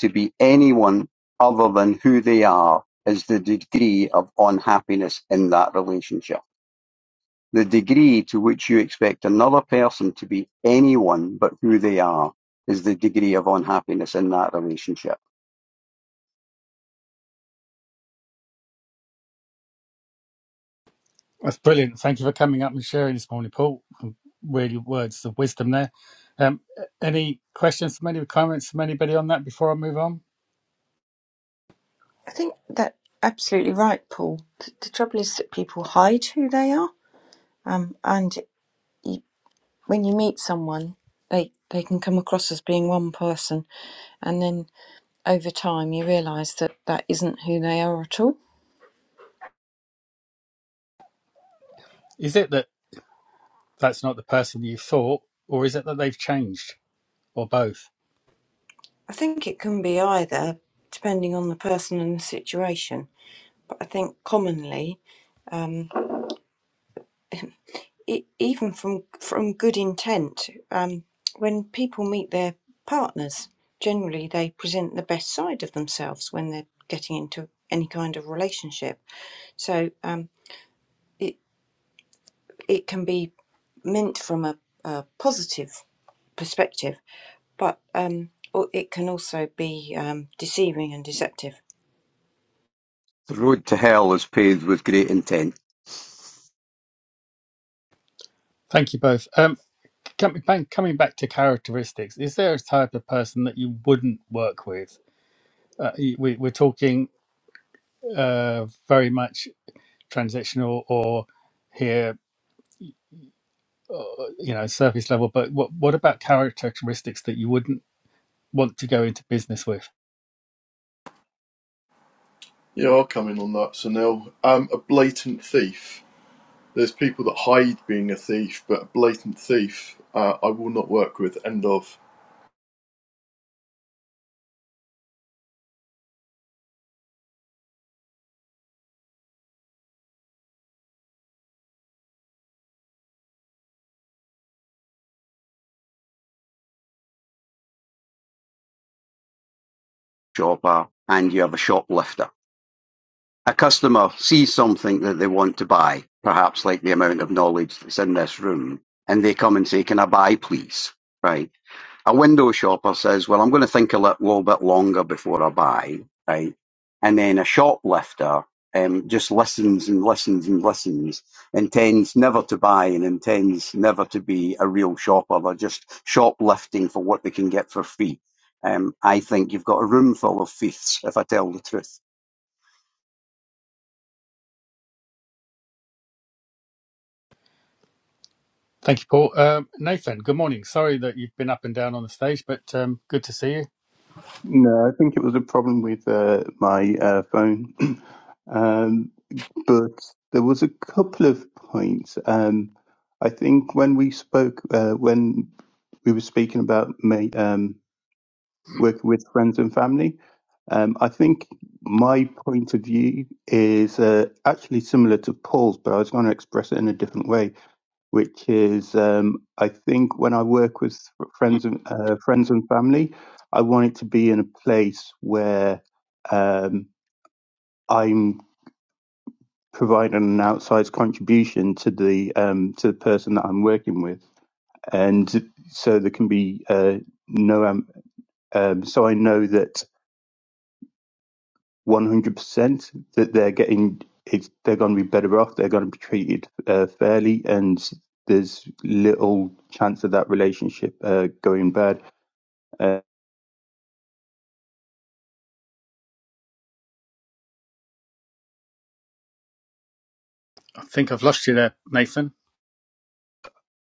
to be anyone other than who they are is the degree of unhappiness in that relationship. The degree to which you expect another person to be anyone but who they are is the degree of unhappiness in that relationship.
That's brilliant. Thank you for coming up and sharing this morning, Paul. Really, words of wisdom there. Um, any questions from any comments from anybody on that before I move on?
I think that absolutely right, Paul. The, the trouble is that people hide who they are, um, and when you meet someone, they they can come across as being one person, and then over time you realise that that isn't who they are at all.
Is it that that's not the person you thought, or is it that they've changed, or both?
I think it can be either, depending on the person and the situation. But I think commonly, um, e even from from good intent, um, when people meet their partners, generally they present the best side of themselves when they're getting into any kind of relationship. So um, it, it can be meant from a, a positive perspective, but um, it can also be um, deceiving and deceptive.
The road to hell is paved with great intent,
Thank you both. Um, coming back, coming back to characteristics, is there a type of person that you wouldn't work with? Uh, we, we're talking uh, very much transactional or here you know surface level but what what about characteristics that you wouldn't want to go into business with
Yeah, I'll come in on that. So now, um, a blatant thief. There's people that hide being a thief, but a blatant thief, uh, I will not work with. End of.
shopper, and you have a shoplifter. A customer sees something that they want to buy, perhaps like the amount of knowledge that's in this room, and they come and say, Can I buy, please? Right a window shopper says, well, I'm going to think a lit- little bit longer before I buy, right? And then a shoplifter um, just listens and listens and listens, intends never to buy and intends never to be a real shopper. They're just shoplifting for what they can get for free. Um, I think you've got a room full of thieves, if I tell the truth.
thank you paul um, nathan good morning sorry that you've been up and down on the stage but um, good to see you
No, I think it was a problem with uh, my uh, phone. Um, but there was a couple of points. Um, I think when we spoke, uh, when we were speaking about ma um, working with friends and family, um, I think my point of view is uh, actually similar to Paul's, but I was going to express it in a different way which is um, I think when I work with friends and uh, friends and family, I want it to be in a place where um, I'm providing an outsized contribution to the um, to the person that I'm working with, and so there can be uh, no um, um, so I know that 100% that they're getting it's, they're going to be better off, they're going to be treated uh, fairly, and there's little chance of that relationship uh, going bad Uh,
i think i've lost you there nathan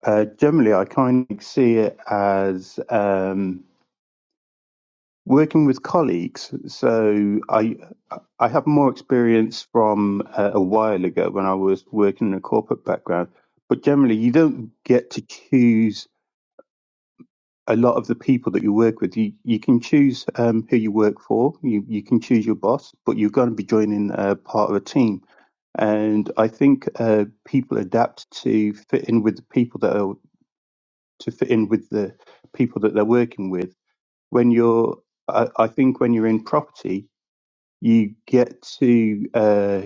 uh, generally, I kind of see it as um, working with colleagues. So I I have more experience from uh, a while ago when I was working in a corporate background. But generally, you don't get to choose a lot of the people that you work with. You you can choose um, who you work for. You you can choose your boss, but you're going to be joining uh, part of a team. And I think uh, people adapt to fit in with the people that are to fit in with the people that they're working with. When you're, I, I think, when you're in property, you get to uh,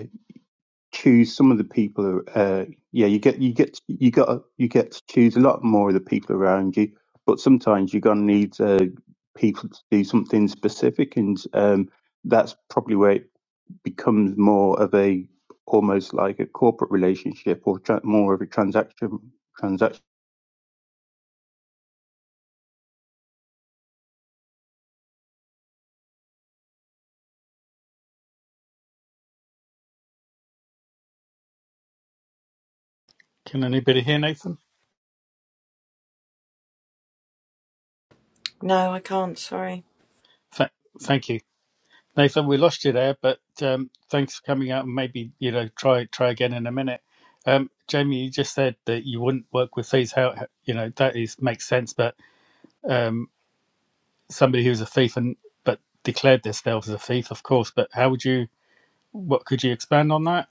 choose some of the people. Uh, yeah, you get you get you got you get to choose a lot more of the people around you. But sometimes you're gonna need uh, people to do something specific, and um, that's probably where it becomes more of a almost like a corporate relationship or tra- more of a transaction transaction.
can anybody hear nathan
No, I can't. Sorry.
Th- thank you nathan we lost you there but um, thanks for coming out and maybe you know try try again in a minute um, jamie you just said that you wouldn't work with thieves how how- you know that is makes sense but um, somebody who's a thief and but declared themselves as a thief of course but how would you What could you expand on that?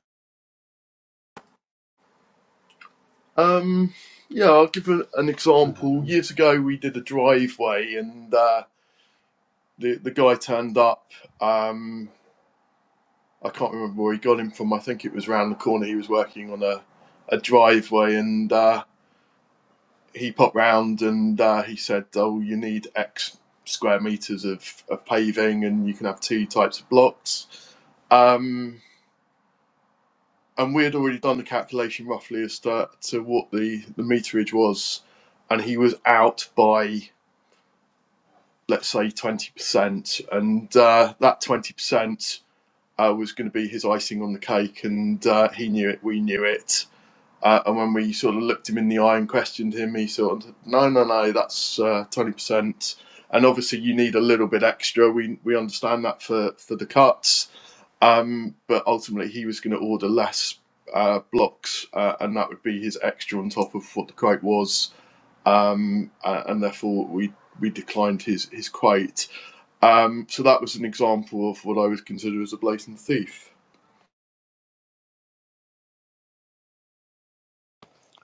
Um, yeah, I'll give a, an example. Years ago, we did a driveway, and uh, the the guy turned up. Um, I can't remember where he got him from. I think it was round the corner. He was working on a a driveway, and uh, he popped round and uh, he said, "Oh, you need X square meters of, of paving, and you can have two types of blocks." Um, and we had already done the calculation roughly as to, to what the, the meterage was, and he was out by let's say twenty percent, and uh, that twenty percent uh, was going to be his icing on the cake, and uh, he knew it, we knew it. Uh, and when we sort of looked him in the eye and questioned him, he sort of, no, no, no, that's uh, twenty percent, and obviously you need a little bit extra. We we understand that for for the cuts, um, but ultimately, he was going to order less uh, blocks, uh, and that would be his extra on top of what the quote was, um, uh, and therefore we we declined his his quote. Um, so that was an example of what I would consider as a blatant thief.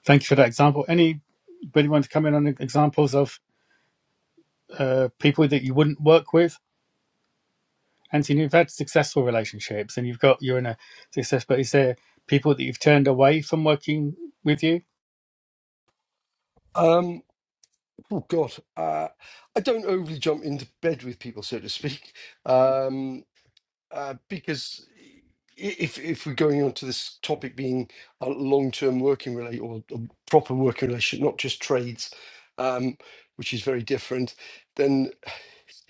Thank you for that example. Anybody want to come in on examples of uh, people that you wouldn't work with? Anthony, you've had successful relationships, and you've got you're in a success. But is there people that you've turned away from working with you?
Um, oh God, uh, I don't overly jump into bed with people, so to speak, um, uh, because i- if if we're going on to this topic being a long-term working relate or a proper working relationship, not just trades, um, which is very different, then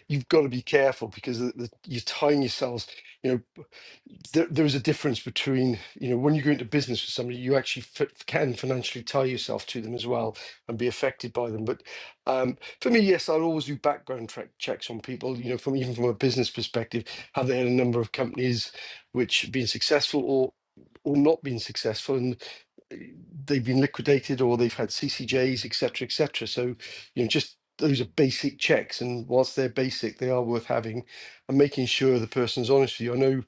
you've got to be careful because the, the, you're tying yourselves. You know, there, there is a difference between you know when you go into business with somebody you actually fit, can financially tie yourself to them as well and be affected by them but um, for me yes i'll always do background track checks on people you know from even from a business perspective have they had a number of companies which have been successful or or not been successful and uh, they've been liquidated or they've had ccjs etc cetera, etc cetera. so you know just those are basic checks and whilst they're basic they are worth having and making sure the person's honest with you i know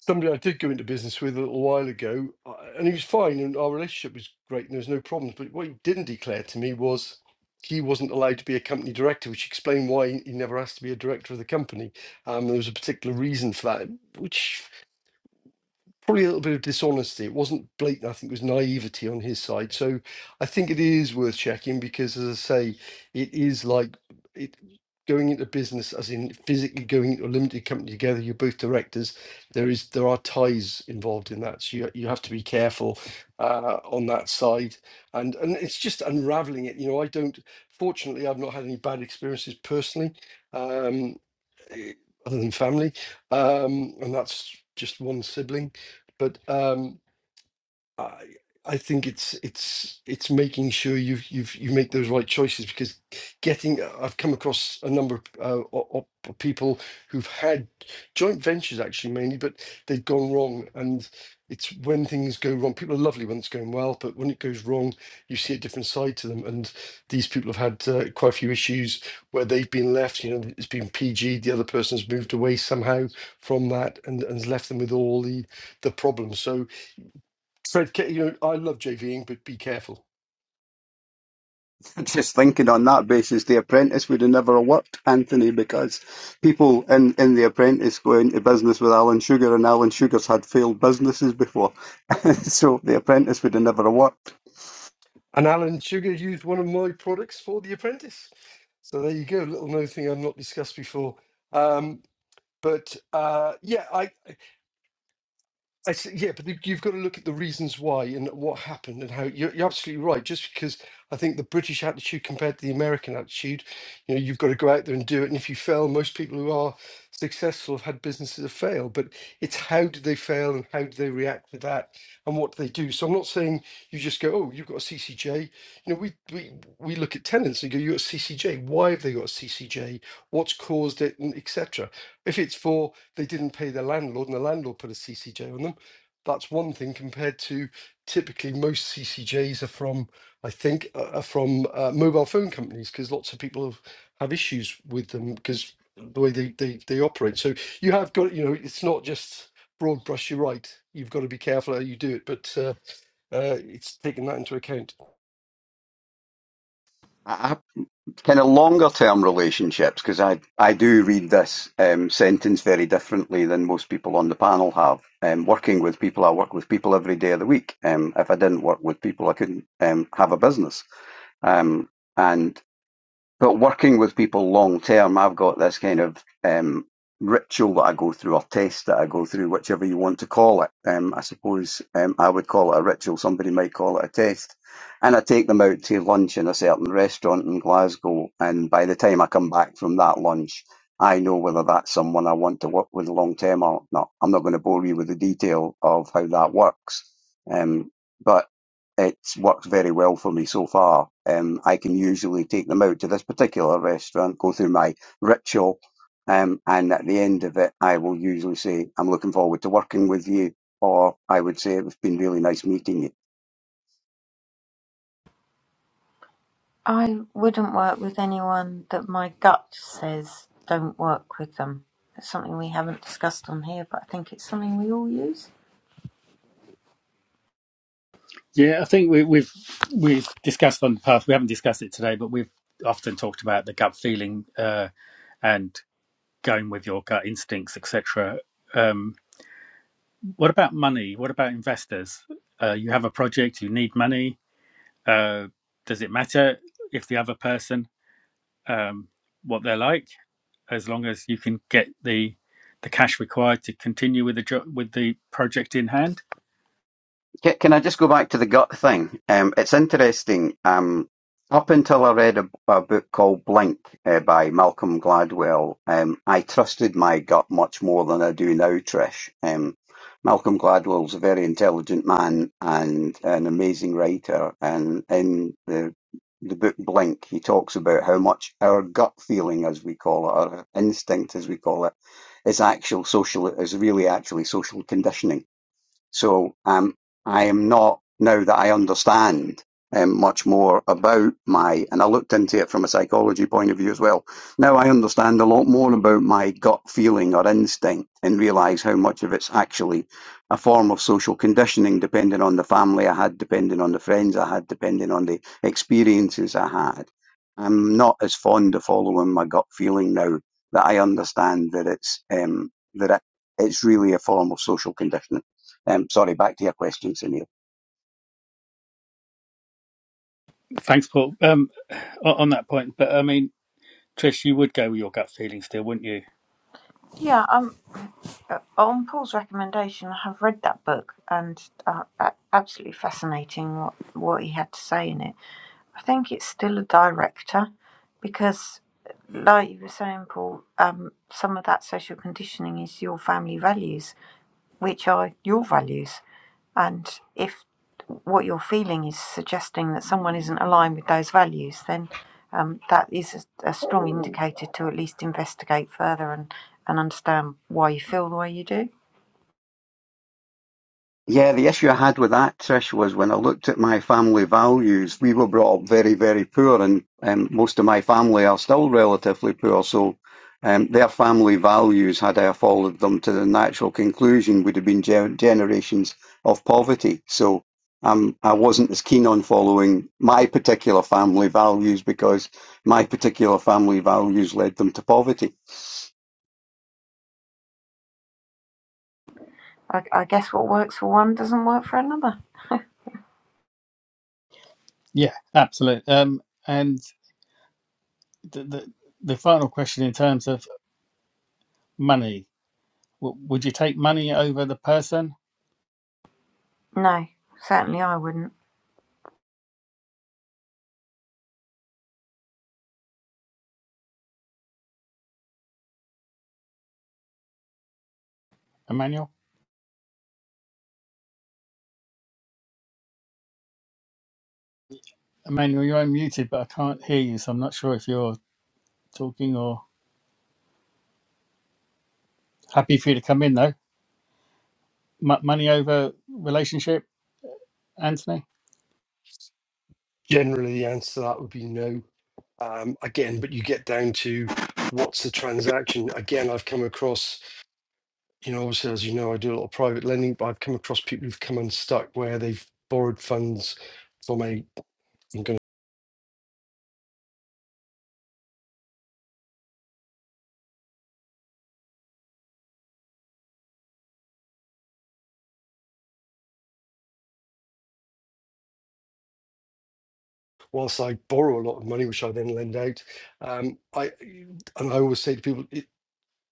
somebody I did go into business with a little while ago, uh, and he was fine, and our relationship was great, and there was no problems. But what he didn't declare to me was he wasn't allowed to be a company director, which explained why he he never asked to be a director of the company. Um, there was a particular reason for that, which probably a little bit of dishonesty. It wasn't blatant. I think it was naivety on his side. So I think it is worth checking because, as I say, it is like it going into business, as in physically going into a limited company together. You're both directors. There is there are ties involved in that, so you you have to be careful uh, on that side. And and it's just unraveling it. You know, I don't. Fortunately, I've not had any bad experiences personally. Um, eh, other than family, um, and that's just one sibling. But um, I I think it's it's it's making sure you you you make those right choices because getting uh, I've come across a number of uh, o- o- people who've had joint ventures actually mainly, but they've gone wrong, and it's when things go wrong. People are lovely when it's going well, but when it goes wrong, you see a different side to them. And these people have had uh, quite a few issues where they've been left. You know, it's been PG, the other person's moved away somehow from that, and and has left them with all the the problems. So Fred, ca- you know, I love JVing, but be careful.
Just thinking on that basis, The Apprentice would have never worked, Anthony, because people in, in The Apprentice go into business with Alan Sugar, and Alan Sugar's had failed businesses before. so The Apprentice would have never worked.
And Alan Sugar used one of my products for The Apprentice. So there you go, little known thing I've not discussed before. Um, but uh, yeah, I I see, yeah, but the- you've got to look at the reasons why and what happened and how. You're, you're absolutely right. Just because I think the British attitude compared to the American attitude, you know, you've got to go out there and do it. And if you fail, most people who are successful have had businesses that fail. But it's how did they fail and how do they react to that and what do they do. So I'm not saying you just go, oh, you've got a CCJ. You know, we we we look at tenants and go, you got a CCJ. Why have they got a CCJ? What's caused it, and etc. If it's for they didn't pay their landlord and the landlord put a CCJ on them that's one thing compared to typically most CCJs are from, I think, uh, are from uh, mobile phone companies because lots of people have, have issues with them because the way they, they, they operate. So you have got, you know, it's not just broad brush, you're right. You've got to be careful how you do it, but uh, uh, it's taking that into account.
I, kind of longer term relationships, because I, I do read this um, sentence very differently than most people on the panel have. Um, working with people, I work with people every day of the week. Um, if I didn't work with people, I couldn't um, have a business. Um, and But working with people long term, I've got this kind of um, ritual that I go through, or test that I go through, whichever you want to call it. Um, I suppose um, I would call it a ritual. Somebody might call it a test. And I take them out to lunch in a certain restaurant in Glasgow. And by the time I come back from that lunch, I know whether that's someone I want to work with long term or not. I'm not going to bore you with the detail of how that works. Um, but it's worked very well for me so far. Um, I can usually take them out to this particular restaurant, go through my ritual, um, and at the end of it, I will usually say, I'm looking forward to working with you, or I would say, it's been really nice meeting you.
I wouldn't work with anyone that my gut says don't work with them. It's something we haven't discussed on here, but I think it's something we all use.
Yeah, I think we, we've we've discussed on the path. We haven't discussed it today, but we've often talked about the gut feeling uh, and going with your gut instincts, etc. Um, what about money? What about investors? Uh, you have a project, you need money Uh, does it matter if the other person um, what they're like? As long as you can get the the cash required to continue with the job with the project in hand.
Can, can I just go back to the gut thing? Um, it's interesting. Um, up until I read a, a book called Blink uh, by Malcolm Gladwell, um, I trusted my gut much more than I do now, Trish. Um, Malcolm Gladwell's a very intelligent man and an amazing writer. And in the the book Blink, he talks about how much our gut feeling, as we call it, our instinct, as we call it, is actual social, is really actually social conditioning so um, I am not now that I understand um, much more about my, and I looked into it from a psychology point of view as well. Now I understand a lot more about my gut feeling or instinct and realise how much of it's actually a form of social conditioning, depending on the family I had, depending on the friends I had, depending on the experiences I had. I'm not as fond of following my gut feeling now that I understand that it's um, that it, it's really a form of social conditioning. Um, sorry, back to your question, Sunil.
Thanks, Paul. Um, o- on that point, but I mean, Trish, you would go with your gut feeling still, wouldn't you?
Yeah, um, uh, on Paul's recommendation, I have read that book and uh, a- absolutely fascinating what, what he had to say in it. I think it's still a director because, like you were saying, Paul, um, some of that social conditioning is your family values, which are your values. And if what you're feeling is suggesting that someone isn't aligned with those values, then um, that is a, a strong indicator to at least investigate further and, and understand why you feel the way you do.
Yeah, the issue I had with that, Trish, was when I looked at my family values, we were brought up very, very poor, and um, most of my family are still relatively poor. So um, their family values, had I followed them to the natural conclusion, would have been gen- generations of poverty. So um, I wasn't as keen on following my particular family values because my particular family values led them to poverty.
I, I guess what works for one doesn't work for another.
Yeah, absolutely. Um, and the, the the final question in terms of money, w- would you take money over the person,
No, certainly I wouldn't.
Emmanuel? Emmanuel, you're unmuted, but I can't hear you, so I'm not sure if you're talking or happy for you to come in though. M- money over relationship, Anthony?
Generally, the answer to that would be no. Um, again, but you get down to what's the transaction. Again, I've come across you know, obviously, as you know, I do a lot of private lending, but I've come across people who've come unstuck where they've borrowed funds from a. I'm going to, whilst I borrow a lot of money, which I then lend out, um, I and I always say to people, it,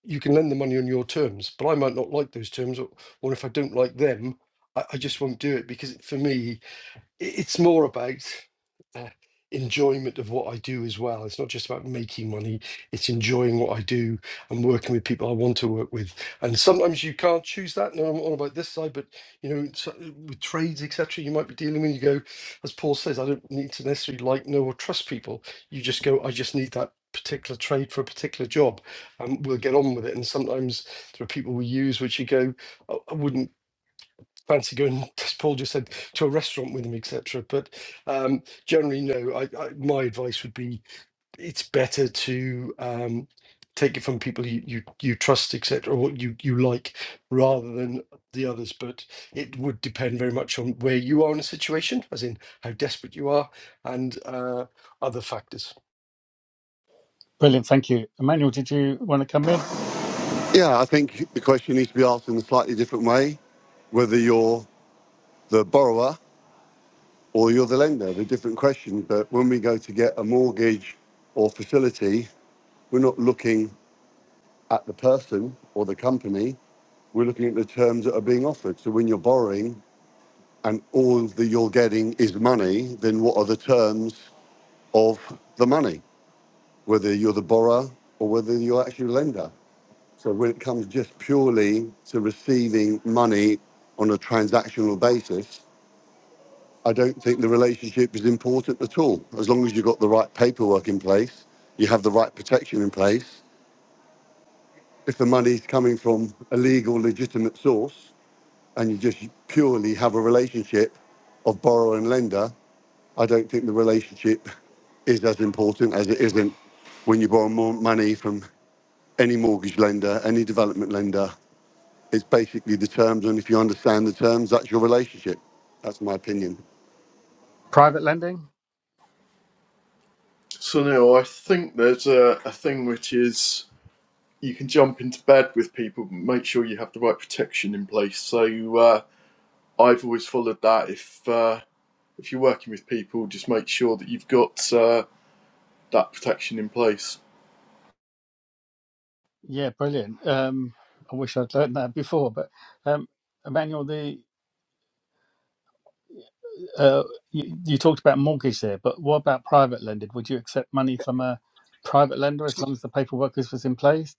you can lend the money on your terms, but I might not like those terms, or, or if I don't like them, I, I just won't do it because for me, it's more about uh, enjoyment of what I do as well. It's not just about making money, it's enjoying what I do and working with people I want to work with. And sometimes you can't choose that. No, I'm all about this side, but you know, so- uh, with trades, etc., you might be dealing with, you go, as Paul says, I don't need to necessarily like, know, or trust people. You just go, I just need that particular trade for a particular job and we'll get on with it and sometimes there are people we use which you go "Oh, i wouldn't fancy going, as Paul just said, to a restaurant with him, etc. But um, generally, no. I, I, my advice would be it's better to um, take it from people you you, you trust, etc., or what you you like, rather than the others. But it would depend very much on where you are in a situation, as in how desperate you are, and uh, other factors.
Brilliant, thank you. Emmanuel, did you want to come in?
Yeah, I think the question needs to be asked in a slightly different way. Whether you're the borrower or you're the lender. They're different questions. But when we go to get a mortgage or facility, we're not looking at the person or the company. We're looking at the terms that are being offered. So when you're borrowing and all that you're getting is money, then what are the terms of the money, whether you're the borrower or whether you're actually the lender? So when it comes just purely to receiving money on a transactional basis, I don't think the relationship is important at all. As long as you've got the right paperwork in place, you have the right protection in place. If the money's coming from a legal, legitimate source, and you just purely have a relationship of borrower and lender, I don't think the relationship is as important as it isn't when you borrow more money from any mortgage lender, any development lender. It's basically the terms, and if you understand the terms, that's your relationship. That's my opinion.
Private lending?
So now I think there's a, a thing which is you can jump into bed with people, but make sure you have the right protection in place. So uh, I've always followed that. If uh, if you're working with people, just make sure that you've got uh, that protection in place.
Yeah, brilliant. Um, I wish I'd learned that before, but um, Emmanuel, the uh, you, you talked about mortgage there, but what about private lending? Would you accept money from a private lender as long as the paperwork is was in place?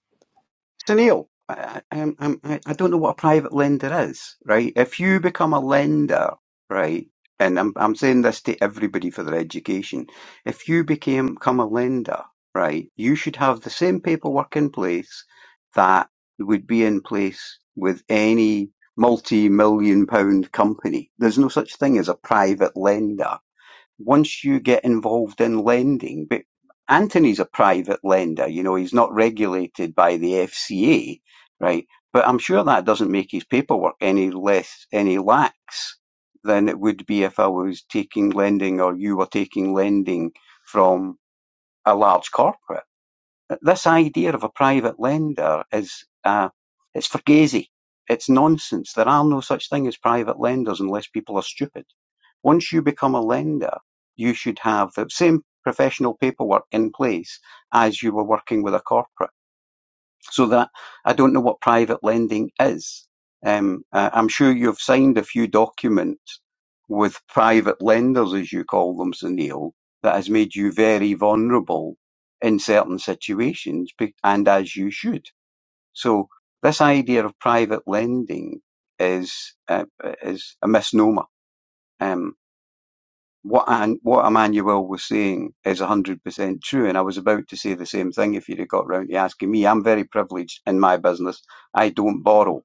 So Neil, I, I, I'm- I'm- I, I don't know what a private lender is, right? If you become a lender, right, and I'm, I'm saying this to everybody for their education, if you became, become a lender, right, you should have the same paperwork in place that would be in place with any multi-million pound company. There's no such thing as a private lender once you get involved in lending, but Anthony's a private lender, you know, he's not regulated by the FCA, right? But I'm sure that doesn't make his paperwork any less, any lax than it would be if I was taking lending or you were taking lending from a large corporate. This idea of a private lender is, uh, it's fugazi. It's nonsense. There are no such thing as private lenders unless people are stupid. Once you become a lender, you should have the same professional paperwork in place as you were working with a corporate so that I don't know what private lending is. Um, I- I'm sure you've signed a few documents with private lenders, as you call them, Sunil, that has made you very vulnerable in certain situations, be- and as you should. So this idea of private lending is uh, is a misnomer. Um, what An- what Emmanuel was saying is 100% true, and I was about to say the same thing if you'd have got round to asking me. I'm very privileged in my business. I don't borrow.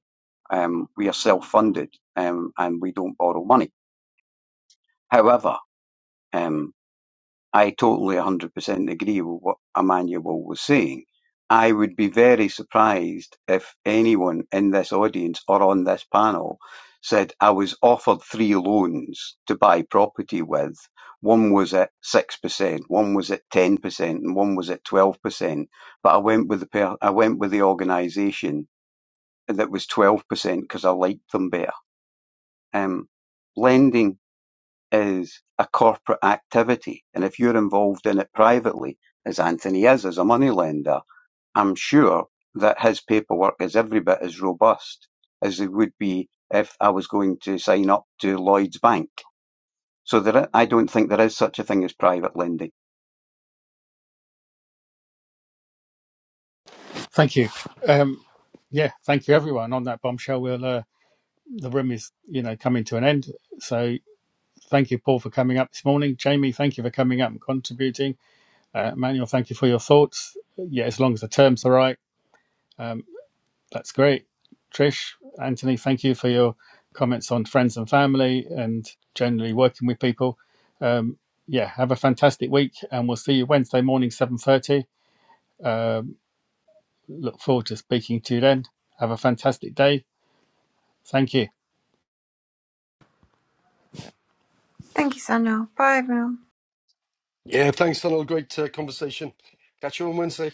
Um, we are self-funded, um, and we don't borrow money. However, um, I totally 100% agree with what Emmanuel was saying. I would be very surprised if anyone in this audience or on this panel said, I was offered three loans to buy property with. One was at 6%, one was at 10%, and one was at 12%. But I went with the, per- I went with the organisation that was 12% because I liked them better. Um, lending is a corporate activity. And if you're involved in it privately, as Anthony is as a moneylender, I'm sure that his paperwork is every bit as robust as it would be if I was going to sign up to Lloyd's Bank. So there, I I don't think there is such a thing as private lending.
Thank you. Um, yeah, thank you everyone. On that bombshell, we'll uh, the room is you know coming to an end. So thank you, Paul, for coming up this morning. Jamie, thank you for coming up and contributing. Uh, Emmanuel, thank you for your thoughts. Yeah, as long as the terms are right, um, that's great. Trish, Anthony, thank you for your comments on friends and family and generally working with people. Um, yeah, have a fantastic week, and we'll see you Wednesday morning, seven thirty. Um, look forward to speaking to you then. Have a fantastic day. Thank you.
Thank you, Sanal. Bye, everyone.
Yeah, thanks, Donald. Great uh, conversation. Catch you on Wednesday.